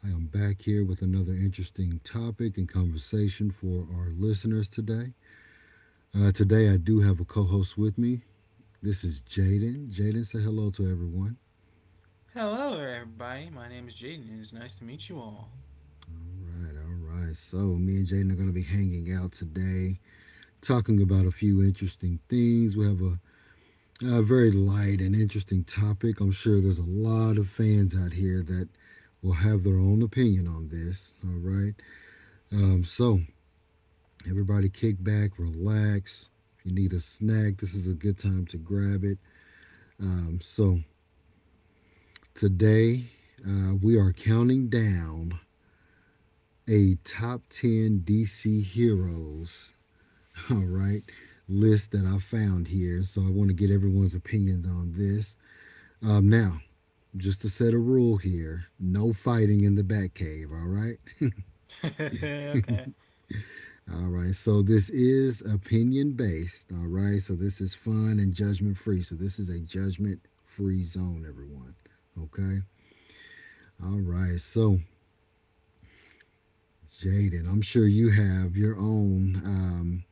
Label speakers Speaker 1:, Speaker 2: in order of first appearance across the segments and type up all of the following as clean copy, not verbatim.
Speaker 1: I am back here with another interesting topic and conversation for our listeners today. Today I do have a co-host with me. This is Jaden. Jaden, say hello to everyone.
Speaker 2: Hello there, everybody. My name is Jaden, and it's nice to meet you all.
Speaker 1: All right, all right. So me and Jaden are going to be hanging out today, talking about a few interesting things. We have a very light and interesting topic. I'm sure there's a lot of fans out here that will have their own opinion on this. All right. So everybody kick back, relax. If you need a snack, this is a good time to grab it. So today, we are counting down a top 10 DC heroes, all right, list that I found here. So I want to get everyone's opinions on this. Now, just to set a rule here, no fighting in the Batcave, all right?
Speaker 2: Okay.
Speaker 1: All right, so this is opinion based. All right, so this is fun and judgment free. So this is a judgment free zone, everyone. Okay, all right, so Jaden, I'm sure you have your own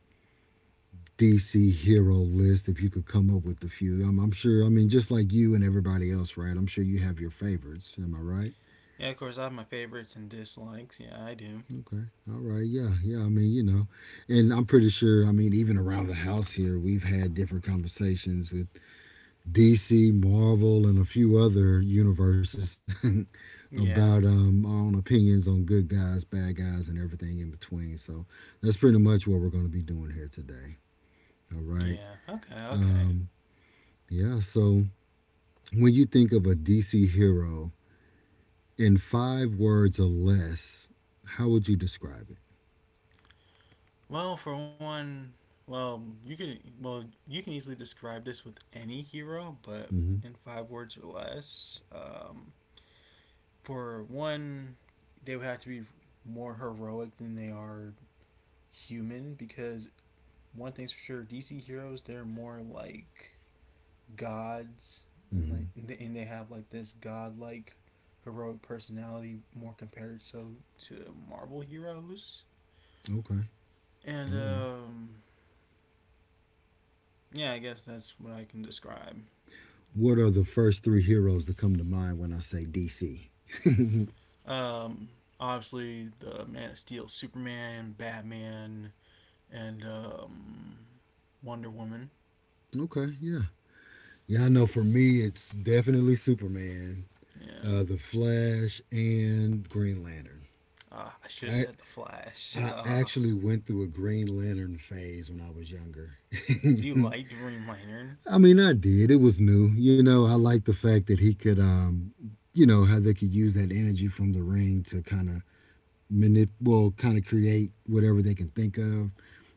Speaker 1: DC hero list if you could come up with a few. I'm sure, I mean, just like you and everybody else, right? I'm sure you have your favorites. Am I right?
Speaker 2: Yeah, of course, I have my favorites and dislikes. Yeah, I do.
Speaker 1: Okay, all right, yeah, yeah. I mean, you know, and I'm pretty sure, I mean, even around the house here, we've had different conversations with DC, Marvel, and a few other universes about
Speaker 2: Yeah,
Speaker 1: our own opinions on good guys, bad guys, and everything in between. So that's pretty much what we're going to be doing here today. All right.
Speaker 2: yeah. Okay, okay.
Speaker 1: Um, yeah. So when you think of a DC hero in five words or less, how would you describe it?
Speaker 2: Well, for one, well, you can well you can easily describe this with any hero, but
Speaker 1: Mm-hmm.
Speaker 2: in five words or less. For one, they would have to be more heroic than they are human because one thing's for sure, DC heroes they're more like gods and
Speaker 1: Mm-hmm.
Speaker 2: like and they, have like this godlike heroic personality more compared so to Marvel heroes.
Speaker 1: Okay.
Speaker 2: And
Speaker 1: All right.
Speaker 2: yeah, I guess that's what I can describe.
Speaker 1: What are the first three heroes that come to mind when I say DC?
Speaker 2: Um Obviously the Man of Steel, Superman, Batman, and Wonder Woman.
Speaker 1: Okay. Yeah. Yeah, I know for me, it's definitely Superman,
Speaker 2: Yeah.
Speaker 1: The Flash, and Green Lantern.
Speaker 2: I should have
Speaker 1: I
Speaker 2: said the Flash.
Speaker 1: I actually went through a Green Lantern phase when I was younger.
Speaker 2: You like Green Lantern?
Speaker 1: I mean, I did. It was new. You know, I liked the fact that he could, you know, how they could use that energy from the ring to kind of well, kind of create whatever they can think of.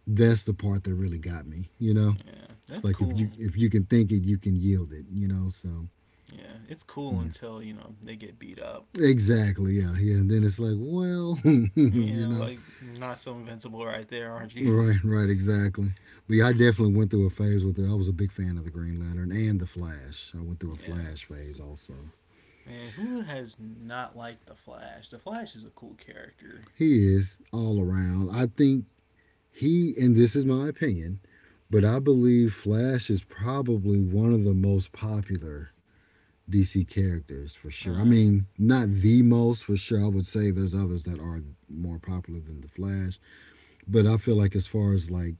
Speaker 1: That's the part that really got me. You know,
Speaker 2: Yeah,
Speaker 1: it's
Speaker 2: that's
Speaker 1: like
Speaker 2: cool.
Speaker 1: if you can think it, you can yield it. You know, so,
Speaker 2: Yeah, it's cool
Speaker 1: yeah.
Speaker 2: until you know they get beat up.
Speaker 1: Exactly, yeah, yeah. And then it's like, well, you
Speaker 2: Yeah,
Speaker 1: know,
Speaker 2: like not so invincible right there, aren't you?
Speaker 1: right, right, exactly. But yeah, I definitely went through a phase with it. I was a big fan of the Green Lantern and the Flash. I went through a
Speaker 2: yeah.
Speaker 1: Flash phase also.
Speaker 2: Man, who has not liked the Flash? The Flash is a cool character.
Speaker 1: He is all around. I think he, and this is my opinion, but I believe Flash is probably one of the most popular DC characters for sure. I
Speaker 2: Uh,
Speaker 1: mean, not the
Speaker 2: yeah.
Speaker 1: most for sure. I would say there's others that are more popular than the Flash, but I feel like as far as like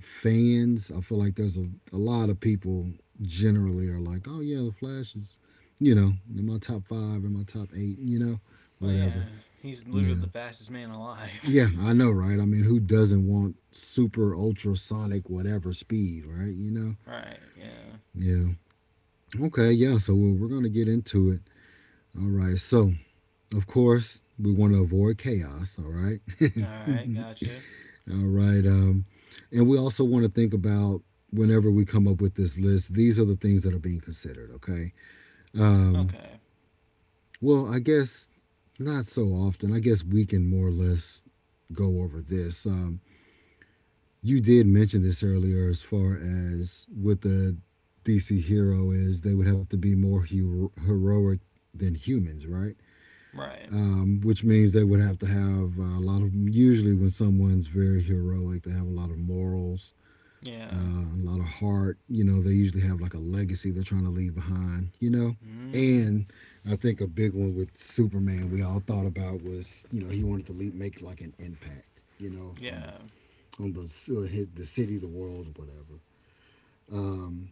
Speaker 1: fans. I feel like there's a lot of people generally are like, oh yeah, the Flash is, you know, in my top five, in my top eight, you know,
Speaker 2: Well, yeah,
Speaker 1: whatever.
Speaker 2: he's literally the
Speaker 1: Yeah.
Speaker 2: fastest man alive.
Speaker 1: Yeah, I know, right? I mean, who doesn't want super ultrasonic whatever speed, right? You know?
Speaker 2: right. Yeah.
Speaker 1: Yeah. Okay, yeah, so we're going to get into it. All right, so of course, we want to avoid chaos, all right?
Speaker 2: All right. Gotcha.
Speaker 1: All right. And we also want to think about whenever we come up with this list, these are the things that are being considered, okay?
Speaker 2: Okay.
Speaker 1: Um, well, I guess not so often. I guess we can more or less go over this. You did mention this earlier. As far as with the DC hero, is they would have to be more heroic than humans, right?
Speaker 2: Right.
Speaker 1: Which means they would have to have a lot of, usually when someone's very heroic, they have a lot of morals,
Speaker 2: Yeah.
Speaker 1: a lot of heart. You know, they usually have like a legacy they're trying to leave behind, you know?
Speaker 2: Mm-hmm.
Speaker 1: And I think a big one with Superman we all thought about was, you know, he wanted to leave, make like an impact, you know,
Speaker 2: Yeah.
Speaker 1: on the his, the city, the world, or whatever. Um,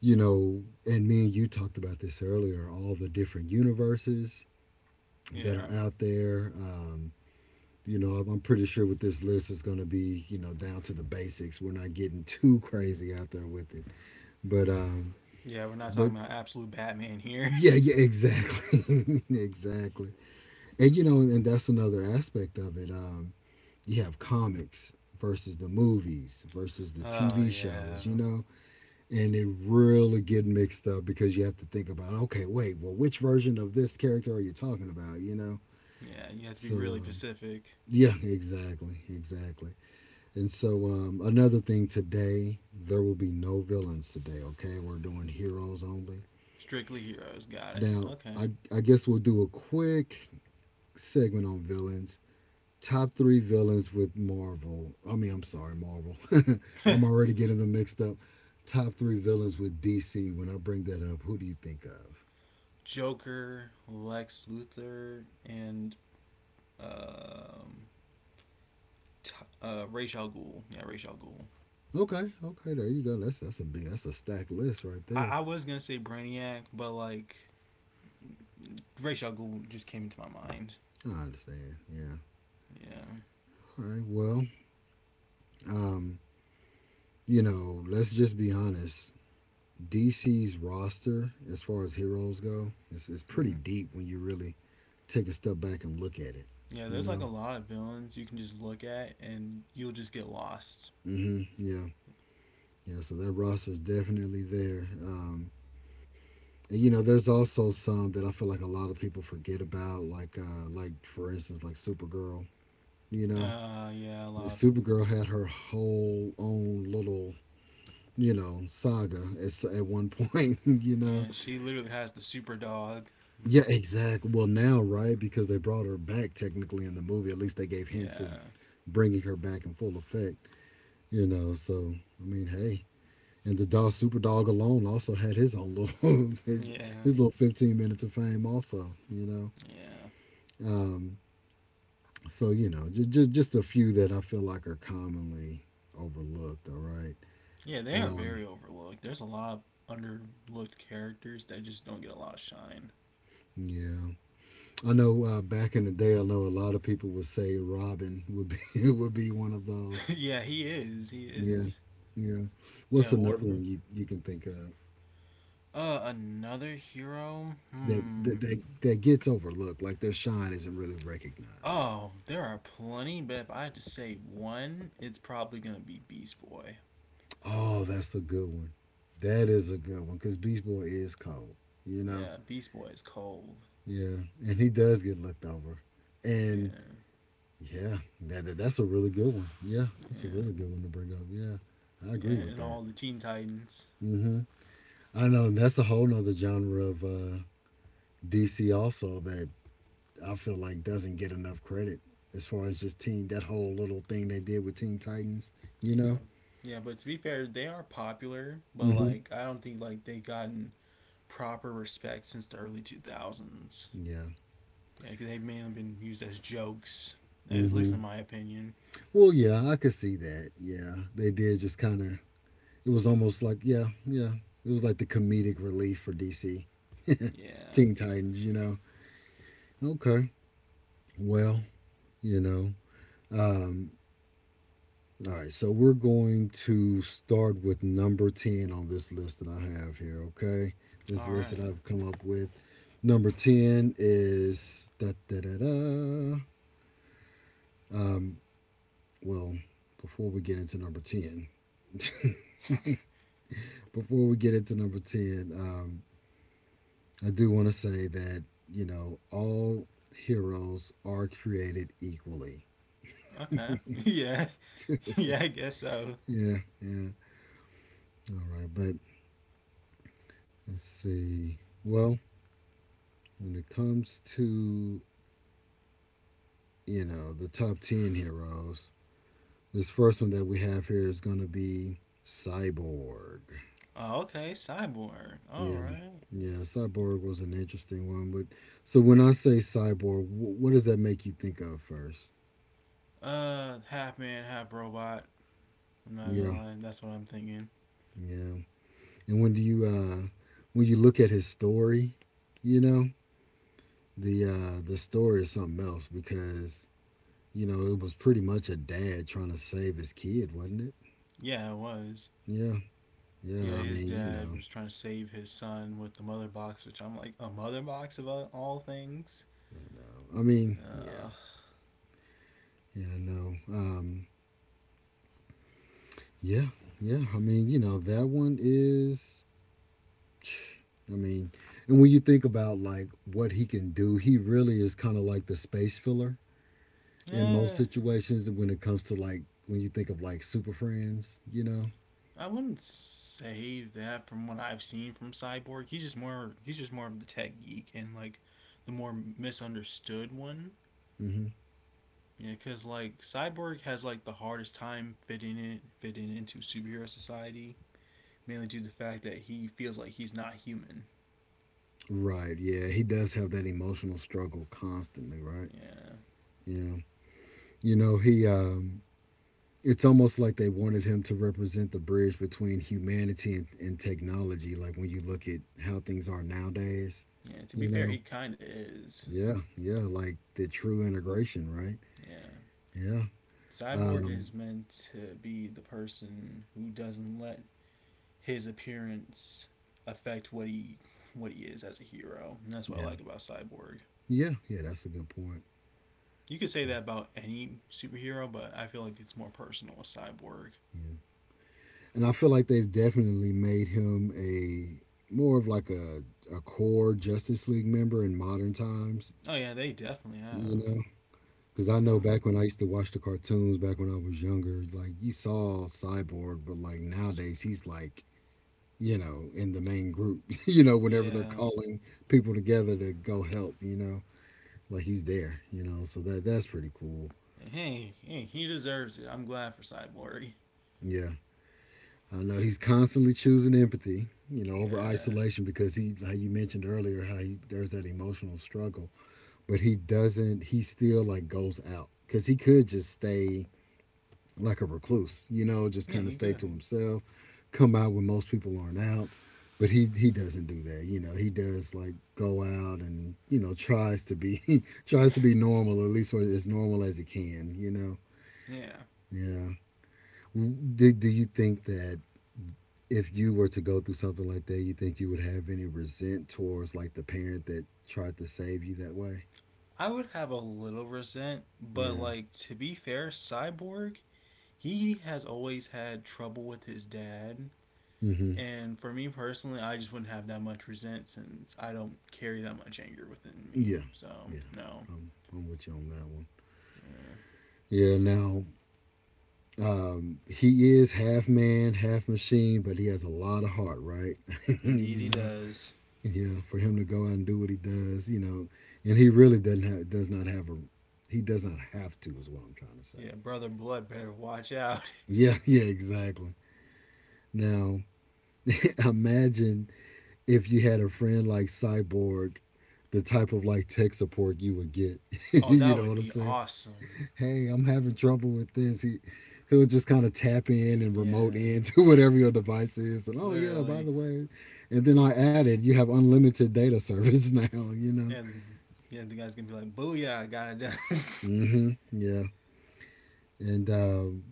Speaker 1: you know, and me and you talked about this earlier. All the different universes
Speaker 2: Yeah.
Speaker 1: that are out there. You know, I'm pretty sure with this list it's going to be, you know, down to the basics. We're not getting too crazy out there with it, but um,
Speaker 2: Yeah. We're not
Speaker 1: but
Speaker 2: talking about absolute Batman here.
Speaker 1: yeah, yeah, exactly, exactly. And you know, and that's another aspect of it. You have comics versus the movies versus the
Speaker 2: oh
Speaker 1: TV
Speaker 2: yeah.
Speaker 1: shows, you know, and it really get mixed up because you have to think about, okay, wait, well, which version of this character are you talking about, you know?
Speaker 2: Yeah. You have to be
Speaker 1: So,
Speaker 2: really specific.
Speaker 1: yeah, exactly, exactly. And so, another thing today, there will be no villains today. Okay, we're doing heroes only.
Speaker 2: Strictly heroes. Got it.
Speaker 1: Now,
Speaker 2: Okay.
Speaker 1: I guess we'll do a quick segment on villains. Top three villains with Marvel. I mean, I'm sorry, Marvel. I'm already getting them mixed up. Top three villains with DC. When I bring that up, who do you think of?
Speaker 2: Joker, Lex Luthor, and um, t- Ra's al Ghul. Yeah, Ra's al Ghul.
Speaker 1: Okay, okay, there you go. That's a big, that's a stacked list right there.
Speaker 2: I was gonna say Brainiac, but like Ra's al Ghul just came into my mind.
Speaker 1: I understand. Yeah.
Speaker 2: Yeah.
Speaker 1: All right. Well, um, you know, let's just be honest. DC's roster, as far as heroes go, it's pretty
Speaker 2: Hmm.
Speaker 1: deep when you really take a step back and look at it.
Speaker 2: Yeah,
Speaker 1: You
Speaker 2: there's like a
Speaker 1: know.
Speaker 2: lot of villains you can just look at and you'll just get lost.
Speaker 1: Mm-hmm. Yeah. Yeah, so that roster is definitely there. And you know, there's also some that I feel like a lot of people forget about, like for instance, like Supergirl. You know,
Speaker 2: Yeah, a lot.
Speaker 1: Supergirl had her whole own little saga at one point. You know,
Speaker 2: Yeah, she literally has the super dog.
Speaker 1: yeah, exactly. Well, now right, because they brought her back technically in the movie. At least they gave hints of
Speaker 2: yeah,
Speaker 1: bringing her back in full effect. You know, so I mean, hey, and the dog, super dog alone, also had his own little his
Speaker 2: yeah,
Speaker 1: his little 15 minutes of fame also, you know.
Speaker 2: yeah,
Speaker 1: Um, so you know, just a few that I feel like are commonly overlooked. All right.
Speaker 2: yeah. They are
Speaker 1: Um,
Speaker 2: very overlooked. There's a lot of underlooked characters that just don't get a lot of shine.
Speaker 1: yeah, I know. Back in the day, I know a lot of people would say Robin would be would be one of those.
Speaker 2: yeah, he is. He
Speaker 1: Yeah,
Speaker 2: is.
Speaker 1: yeah.
Speaker 2: Yeah,
Speaker 1: What's another
Speaker 2: Warner.
Speaker 1: one you can think of
Speaker 2: Another hero.
Speaker 1: that
Speaker 2: Hmm.
Speaker 1: that that, that gets overlooked? Like their shine isn't really recognized.
Speaker 2: Oh, there are plenty, but if I had to say one, it's probably gonna be Beast Boy.
Speaker 1: Oh, that's a good one. That is a good one because Beach Boy is cold, you know?
Speaker 2: Yeah, Beast Boy is cold.
Speaker 1: Yeah. And he does get looked over. And
Speaker 2: Yeah,
Speaker 1: yeah, that's a really good one. Yeah. That's a
Speaker 2: yeah,
Speaker 1: really good one to bring up. Yeah. I
Speaker 2: yeah,
Speaker 1: agree with
Speaker 2: and
Speaker 1: that.
Speaker 2: all the Teen Titans.
Speaker 1: hmm I know. And that's a whole nother genre of DC also that I feel like doesn't get enough credit as far as just team, that whole little thing they did with Teen Titans, you
Speaker 2: Yeah,
Speaker 1: know?
Speaker 2: yeah, but to be fair, they are popular, but
Speaker 1: Hmm,
Speaker 2: like I don't think like they've gotten proper respect since the early two thousands.
Speaker 1: yeah.
Speaker 2: Yeah, 'cause they've mainly been used as jokes, at least in
Speaker 1: hmm
Speaker 2: my opinion.
Speaker 1: Well, yeah, I could see that. Yeah, they did just kind of it was almost like, yeah, yeah. It was like the comedic relief for DC.
Speaker 2: Yeah.
Speaker 1: Teen Titans, you know. Okay. Well, you know. Um all right, so we're going to start with number 10 on this list that I have here, okay? This
Speaker 2: All
Speaker 1: list that
Speaker 2: right.
Speaker 1: I've come up with. Number 10 is da da da da. Um well, before we get into number 10, before we get into number 10, I do want to say that, you know, all heroes are created equally.
Speaker 2: Okay. yeah. yeah, I guess so.
Speaker 1: Yeah, yeah. All right, but let's see. Well, when it comes to, you know, the top 10 heroes, this first one that we have here is going to be Cyborg.
Speaker 2: Oh, okay, cyborg. All
Speaker 1: Yeah.
Speaker 2: right.
Speaker 1: Yeah, Cyborg was an interesting one, but so when I say Cyborg, what does that make you think of first?
Speaker 2: Half man, half robot. I'm not
Speaker 1: Yeah,
Speaker 2: gonna lie, that's what I'm thinking.
Speaker 1: yeah. And when you look at his story, you know, the the story is something else, because you know it was pretty much a dad trying to save his kid, wasn't it?
Speaker 2: Yeah, it was.
Speaker 1: Yeah,
Speaker 2: Yeah,
Speaker 1: yeah. I
Speaker 2: his
Speaker 1: mean, you
Speaker 2: dad was trying to save his son with the mother box, which I'm like a mother box of all- things.
Speaker 1: know. I mean, yeah,
Speaker 2: Uh,
Speaker 1: yeah. I know. Yeah, yeah. I mean, you know, that one is. I mean, and when you think about like what he can do, he really is kind of like the space filler in most
Speaker 2: eh,
Speaker 1: situations when it comes to like when you think of like super friends, you know.
Speaker 2: I wouldn't say that from what I've seen from Cyborg. He's just more of the tech geek and like the more misunderstood one.
Speaker 1: Mm-hmm.
Speaker 2: Yeah, cause like Cyborg has like the hardest time fitting into superhero society, mainly due to the fact that he feels like he's not human.
Speaker 1: Right. Yeah, he does have that emotional struggle constantly, right?
Speaker 2: Yeah,
Speaker 1: Yeah. He it's almost like they wanted him to represent the bridge between humanity and technology, like when you look at how things are nowadays,
Speaker 2: yeah. To be
Speaker 1: you
Speaker 2: fair,
Speaker 1: know?
Speaker 2: he kind of is.
Speaker 1: Yeah, yeah, like the true integration, right?
Speaker 2: Yeah,
Speaker 1: Yeah.
Speaker 2: Cyborg
Speaker 1: Um
Speaker 2: is meant to be the person who doesn't let his appearance affect what he is as a hero, and that's what I
Speaker 1: yeah.
Speaker 2: like about Cyborg.
Speaker 1: Yeah, yeah, that's a good point.
Speaker 2: You could say that about any superhero, but I feel like it's more personal with Cyborg.
Speaker 1: Yeah. And I feel like they've definitely made him a more of like a core Justice League member in modern times.
Speaker 2: Oh yeah, they definitely
Speaker 1: You
Speaker 2: have.
Speaker 1: know, because I
Speaker 2: You
Speaker 1: know
Speaker 2: know,
Speaker 1: back when I used to watch the cartoons, back when I was younger, like you saw Cyborg, but like nowadays he's like, you know, in the main group, you know, whenever they're
Speaker 2: yeah.
Speaker 1: calling people together to go help, you know, like he's there, you know, so that's pretty cool.
Speaker 2: Hey, hey, he deserves it. I'm glad for Cyborg.
Speaker 1: Yeah. I know he's constantly choosing empathy, you know, over
Speaker 2: Yeah.
Speaker 1: isolation because how you mentioned earlier, how he, there's that emotional struggle, but he doesn't, he still like goes out because he could just stay like a recluse, you know, just
Speaker 2: Yeah,
Speaker 1: kind
Speaker 2: he
Speaker 1: of stay to
Speaker 2: good.
Speaker 1: himself, come out when most people aren't out. But he doesn't do that, you know. He does like go out and you know tries to be tries to be normal, or at least sort of as normal as he can, you know.
Speaker 2: Yeah.
Speaker 1: Yeah. Do you think that if you were to go through something like that, you think you would have any resent towards like the parent that tried to save you that way?
Speaker 2: I would have a little resent, but
Speaker 1: Yeah.
Speaker 2: like to be fair, Cyborg, he has always had trouble with his dad.
Speaker 1: Mm-hmm.
Speaker 2: And for me personally, I just wouldn't have that much resent since I don't carry that much anger within me.
Speaker 1: Yeah.
Speaker 2: So,
Speaker 1: Yeah.
Speaker 2: no.
Speaker 1: I'm with you on that one.
Speaker 2: Uh,
Speaker 1: Yeah. Now he is half man, half machine, but he has a lot of heart, right?
Speaker 2: indeed,
Speaker 1: you
Speaker 2: he
Speaker 1: know,
Speaker 2: does.
Speaker 1: yeah. For him to go out and do what he does, you know, and he really doesn't have, does not have a, he does not have to, is what I'm trying to say.
Speaker 2: Yeah, Brother Blood better watch out.
Speaker 1: Yeah, yeah, exactly. Now, imagine if you had a friend like Cyborg, the type of like tech support you would get.
Speaker 2: Oh,
Speaker 1: you
Speaker 2: that
Speaker 1: know
Speaker 2: would
Speaker 1: what I'm
Speaker 2: be
Speaker 1: saying?
Speaker 2: awesome.
Speaker 1: Hey, I'm having trouble with this. He'll just kind of tap in and remote
Speaker 2: Yeah,
Speaker 1: in to whatever your device is. And oh yeah, by
Speaker 2: literally.
Speaker 1: the way, and then I added, you have unlimited data service now. You know.
Speaker 2: And yeah, the guy's gonna be like, "Booyah, I got it done."
Speaker 1: Mm-hmm. Yeah. And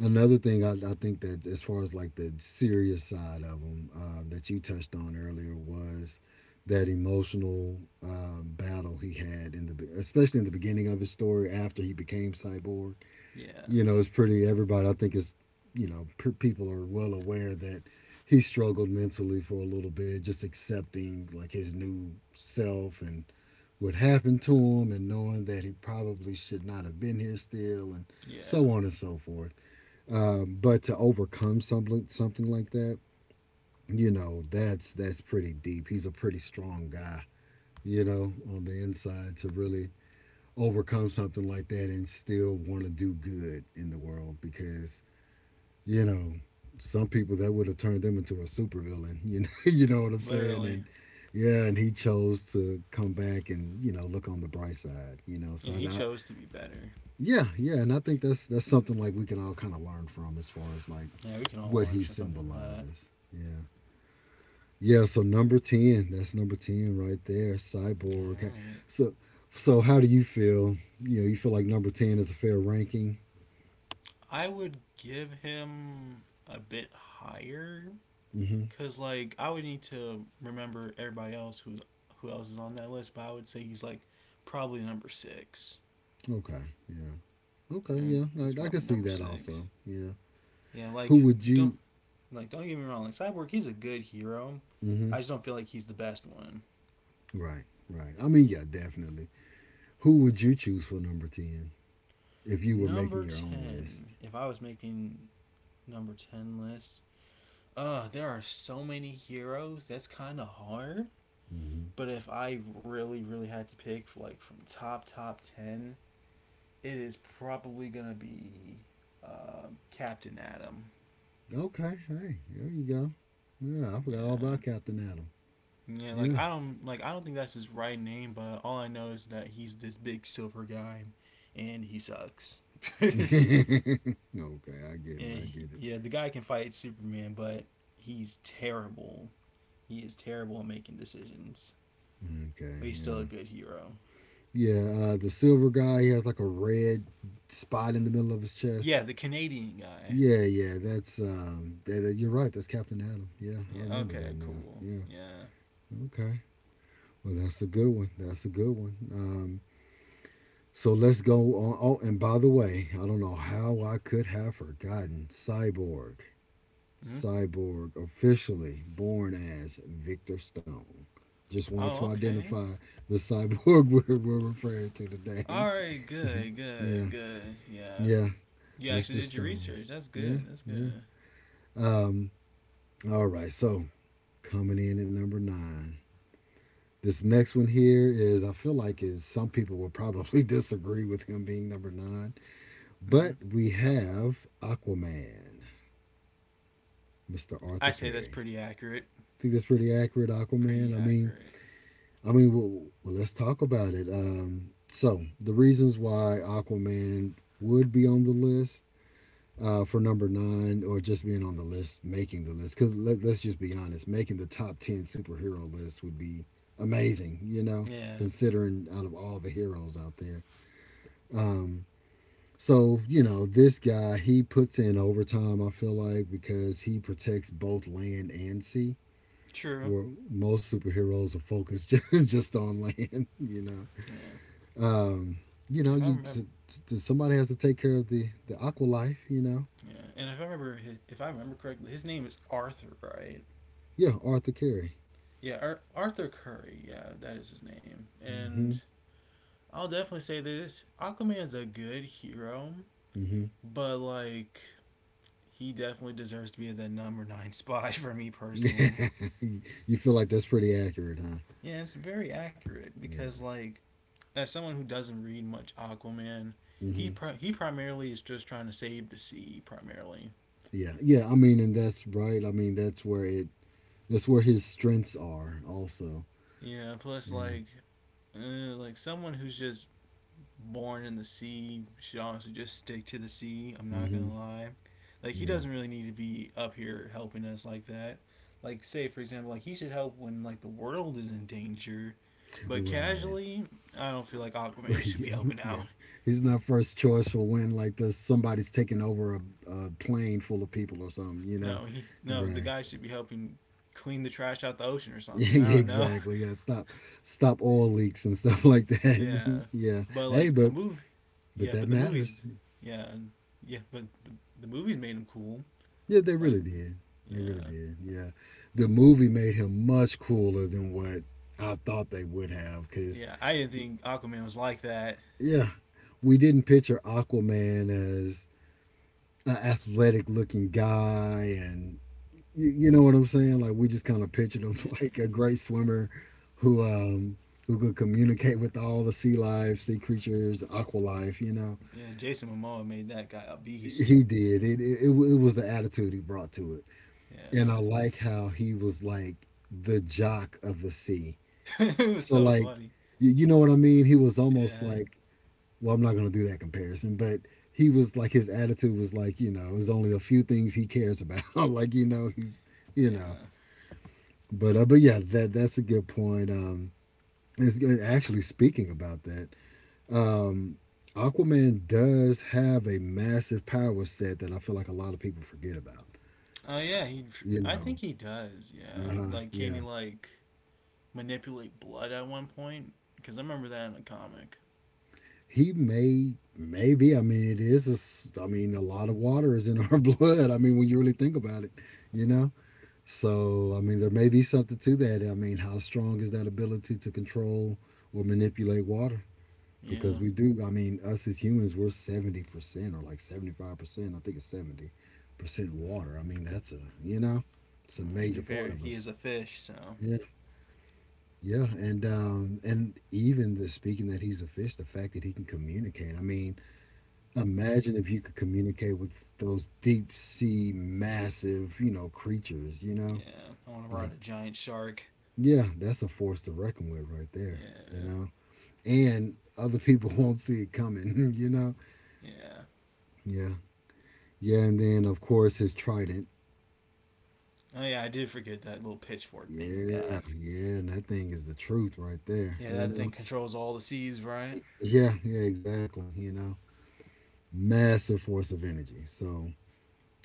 Speaker 1: another thing I think that as far as like the serious side of them that you touched on earlier was that emotional battle he had in the especially in the beginning of his story after he became cyborg,
Speaker 2: Yeah,
Speaker 1: you know, it's pretty. Everybody, I think, is you know, people are well aware that he struggled mentally for a little bit, just accepting like his new self and what happened to him, and knowing that he probably should not have been here still, and
Speaker 2: yeah,
Speaker 1: so on and so forth. But to overcome something like that, you know, that's pretty deep. He's a pretty strong guy, you know, on the inside to really overcome something like that and still want to do good in the world because you know, some people that would have turned them into a supervillain. You know, you know what I'm saying?
Speaker 2: literally.
Speaker 1: And yeah, and he chose to come back and you know look on the bright side. You know,
Speaker 2: Yeah,
Speaker 1: so
Speaker 2: he chose to be better.
Speaker 1: yeah, yeah, and I think that's something like we can all kind of learn from as far as like
Speaker 2: Yeah, we can all
Speaker 1: what
Speaker 2: learn
Speaker 1: he
Speaker 2: something from that.
Speaker 1: symbolizes. Yeah, yeah. So number 10, that's number 10 right there,
Speaker 2: All
Speaker 1: Cyborg. Okay.
Speaker 2: right.
Speaker 1: So, so how do you feel? You know, you feel like number 10 is a fair ranking?
Speaker 2: I would give him a bit higher
Speaker 1: Mm-hmm.
Speaker 2: cuz like I would need to remember everybody else who else is on that list, but I would say he's like probably number 6.
Speaker 1: Okay. Yeah. Okay.
Speaker 2: And
Speaker 1: Yeah. I,
Speaker 2: he's
Speaker 1: I can
Speaker 2: probably
Speaker 1: see
Speaker 2: number
Speaker 1: that
Speaker 2: 6.
Speaker 1: also. Yeah.
Speaker 2: Yeah,
Speaker 1: Who would
Speaker 2: don't
Speaker 1: you?
Speaker 2: don't get me wrong, like Cyborg he's a good hero.
Speaker 1: Hmm.
Speaker 2: I just don't feel like he's the best one.
Speaker 1: Right, right. I mean, yeah, definitely. Who would you choose for number 10 if you were making
Speaker 2: Number
Speaker 1: your own list?
Speaker 2: 10. If I was making number 10 list, there are so many heroes. That's kind of hard.
Speaker 1: Hmm.
Speaker 2: But if I really, really had to pick, like, from top 10, it is probably going to be Captain Atom.
Speaker 1: Okay, hey, there you go. Yeah, I forgot all
Speaker 2: Yeah.
Speaker 1: about Captain Adam.
Speaker 2: Yeah,
Speaker 1: Yeah.
Speaker 2: like I don't think that's his right name, but all I know is that he's this big silver guy and he sucks. yeah,
Speaker 1: okay, I get it. I get it.
Speaker 2: yeah, the guy can fight Superman, but he's terrible he is terrible at making decisions,
Speaker 1: Okay,
Speaker 2: but he's still
Speaker 1: yeah,
Speaker 2: a good hero.
Speaker 1: yeah. The silver guy, he has like a red spot in the middle of his chest.
Speaker 2: Yeah, the Canadian guy.
Speaker 1: Yeah, yeah, that's you're right. That's Captain Adam. Yeah, I
Speaker 2: Yeah,
Speaker 1: remember that
Speaker 2: okay,
Speaker 1: now.
Speaker 2: cool.
Speaker 1: Yeah,
Speaker 2: Yeah.
Speaker 1: okay, well, that's a good one. That's a good one. So let's go on. Oh, and by the way, I don't know how I could have forgotten Cyborg.
Speaker 2: Hmm.
Speaker 1: Cyborg officially born as Victor Stone. Just wanted to
Speaker 2: Oh, okay.
Speaker 1: identify the cyborg we're referring to today.
Speaker 2: All right, good,
Speaker 1: yeah,
Speaker 2: good, good. Yeah.
Speaker 1: yeah,
Speaker 2: You actually
Speaker 1: Mr.
Speaker 2: did your
Speaker 1: Stone.
Speaker 2: research. That's
Speaker 1: Yeah,
Speaker 2: good. That's
Speaker 1: yeah.
Speaker 2: good.
Speaker 1: Um, all right, so coming in at number 9. This next one here is I feel like is some people will probably disagree with him being number 9,
Speaker 2: Hmm.
Speaker 1: but we have Aquaman, Mr. Arthur
Speaker 2: I say that's
Speaker 1: Carey.
Speaker 2: pretty accurate.
Speaker 1: I think that's pretty accurate,
Speaker 2: Pretty
Speaker 1: Aquaman.
Speaker 2: accurate.
Speaker 1: I mean, well let's talk about it. So the reasons why Aquaman would be on the list for number 9, or just being on the list, making the list. Because let's just be honest, making the top ten superhero list would be amazing. You know,
Speaker 2: Yeah.
Speaker 1: considering out of all the heroes out there. Um, so, you know, this guy, he puts in overtime, I feel like, because he protects both land and sea,
Speaker 2: True.
Speaker 1: where most superheroes are focused just on land, you know.
Speaker 2: Yeah.
Speaker 1: Um, you know,
Speaker 2: if I
Speaker 1: you
Speaker 2: remember,
Speaker 1: somebody has to take care of the aqua life, you know.
Speaker 2: yeah. And if I remember correctly, his name is Arthur, right?
Speaker 1: Yeah, Arthur Carey.
Speaker 2: Yeah, Arthur Curry. Yeah, that is his name. And
Speaker 1: Mm-hmm.
Speaker 2: I'll definitely say this: Aquaman's a good hero,
Speaker 1: Mm-hmm.
Speaker 2: but like he definitely deserves to be in that number nine spot for me personally.
Speaker 1: you feel like that's pretty accurate, huh?
Speaker 2: Yeah, it's very accurate because
Speaker 1: Yeah.
Speaker 2: like as someone who doesn't read much Aquaman,
Speaker 1: Mm-hmm.
Speaker 2: he primarily is just trying to save the sea primarily.
Speaker 1: Yeah. Yeah, I mean, and that's right. I mean, that's where his strengths are also.
Speaker 2: Yeah, plus
Speaker 1: Yeah.
Speaker 2: like someone who's just born in the sea should honestly just stick to the sea. I'm not
Speaker 1: Hmm.
Speaker 2: gonna lie. Like he
Speaker 1: Yeah.
Speaker 2: doesn't really need to be up here helping us like that. Like say for example, like he should help when like the world is in danger. But
Speaker 1: Right.
Speaker 2: casually, I don't feel like Aquaman should be
Speaker 1: yeah.
Speaker 2: helping
Speaker 1: Yeah.
Speaker 2: out.
Speaker 1: He's not first choice for when like this somebody's taking over a plane full of people or something. You know.
Speaker 2: No, the
Speaker 1: Right.
Speaker 2: guy should be helping clean the trash out the ocean or
Speaker 1: Yeah.
Speaker 2: something. I
Speaker 1: Yeah
Speaker 2: don't know.
Speaker 1: exactly. Yeah. Stop. Stop oil leaks and stuff like that.
Speaker 2: yeah.
Speaker 1: yeah.
Speaker 2: But
Speaker 1: Hey,
Speaker 2: like the movie
Speaker 1: but
Speaker 2: yeah,
Speaker 1: that
Speaker 2: but the
Speaker 1: matters.
Speaker 2: movies yeah, yeah, but the movies made him cool.
Speaker 1: Yeah, they
Speaker 2: Like
Speaker 1: really did. They really
Speaker 2: yeah.
Speaker 1: did. Yeah. The movie made him much cooler than what I thought they would have. Cause
Speaker 2: Yeah, I didn't think Aquaman was like that.
Speaker 1: yeah, we didn't picture Aquaman as an athletic looking guy, and you know what I'm saying. Like we just kind of pictured him
Speaker 2: Yeah,
Speaker 1: like a great swimmer who um, who could communicate with all the sea life, sea creatures, the aqua life. You know,
Speaker 2: yeah. Jason Momoa made that guy a beast.
Speaker 1: he did. It was the attitude he brought to it, and I
Speaker 2: Yeah,
Speaker 1: like how he was like the jock of the sea.
Speaker 2: it was
Speaker 1: So
Speaker 2: so
Speaker 1: like,
Speaker 2: funny.
Speaker 1: you know what I mean. He was almost
Speaker 2: Yeah,
Speaker 1: like well, I'm not going to do that comparison, but he was like his attitude was like you know there's only a few things he cares about, like you know he's you know.
Speaker 2: yeah.
Speaker 1: But yeah, that that's a good point. Actually speaking about that, um, Aquaman does have a massive power set that I feel like a lot of people forget about.
Speaker 2: Oh yeah, he.
Speaker 1: You
Speaker 2: I
Speaker 1: know,
Speaker 2: think he does. Yeah, like can he
Speaker 1: yeah,
Speaker 2: like manipulate blood at one point? Because I remember that in a comic.
Speaker 1: he may, maybe. I mean, it is. A I mean, a lot of water is in our blood. I mean, when you really think about it, you know. So, I mean, there may be something to that. I mean, how strong is that ability to control or manipulate water?
Speaker 2: Yeah.
Speaker 1: Because we do, I mean, us as humans, we're 70% or like 75%, I think it's 70% water. I mean, that's a, you know, it's a
Speaker 2: And to be
Speaker 1: major
Speaker 2: fair,
Speaker 1: part of
Speaker 2: he
Speaker 1: us.
Speaker 2: is a fish, so
Speaker 1: Yeah, yeah, and even the speaking that he's a fish, the fact that he can communicate. I mean, imagine if you could communicate with those deep sea, massive, you know, creatures. You know,
Speaker 2: yeah. I want to ride
Speaker 1: like
Speaker 2: a giant shark.
Speaker 1: yeah, that's a force to reckon with right there, you
Speaker 2: Yeah,
Speaker 1: know? And other people won't see it coming, you know?
Speaker 2: yeah.
Speaker 1: Yeah. Yeah, and then of course his trident.
Speaker 2: Oh yeah, I did forget that little pitchfork thing he
Speaker 1: Yeah,
Speaker 2: got.
Speaker 1: yeah, and that thing is the truth right there,
Speaker 2: Yeah,
Speaker 1: you
Speaker 2: that thing
Speaker 1: know?
Speaker 2: controls all the seas, right?
Speaker 1: Yeah, yeah, exactly, you know? Massive force of energy. So,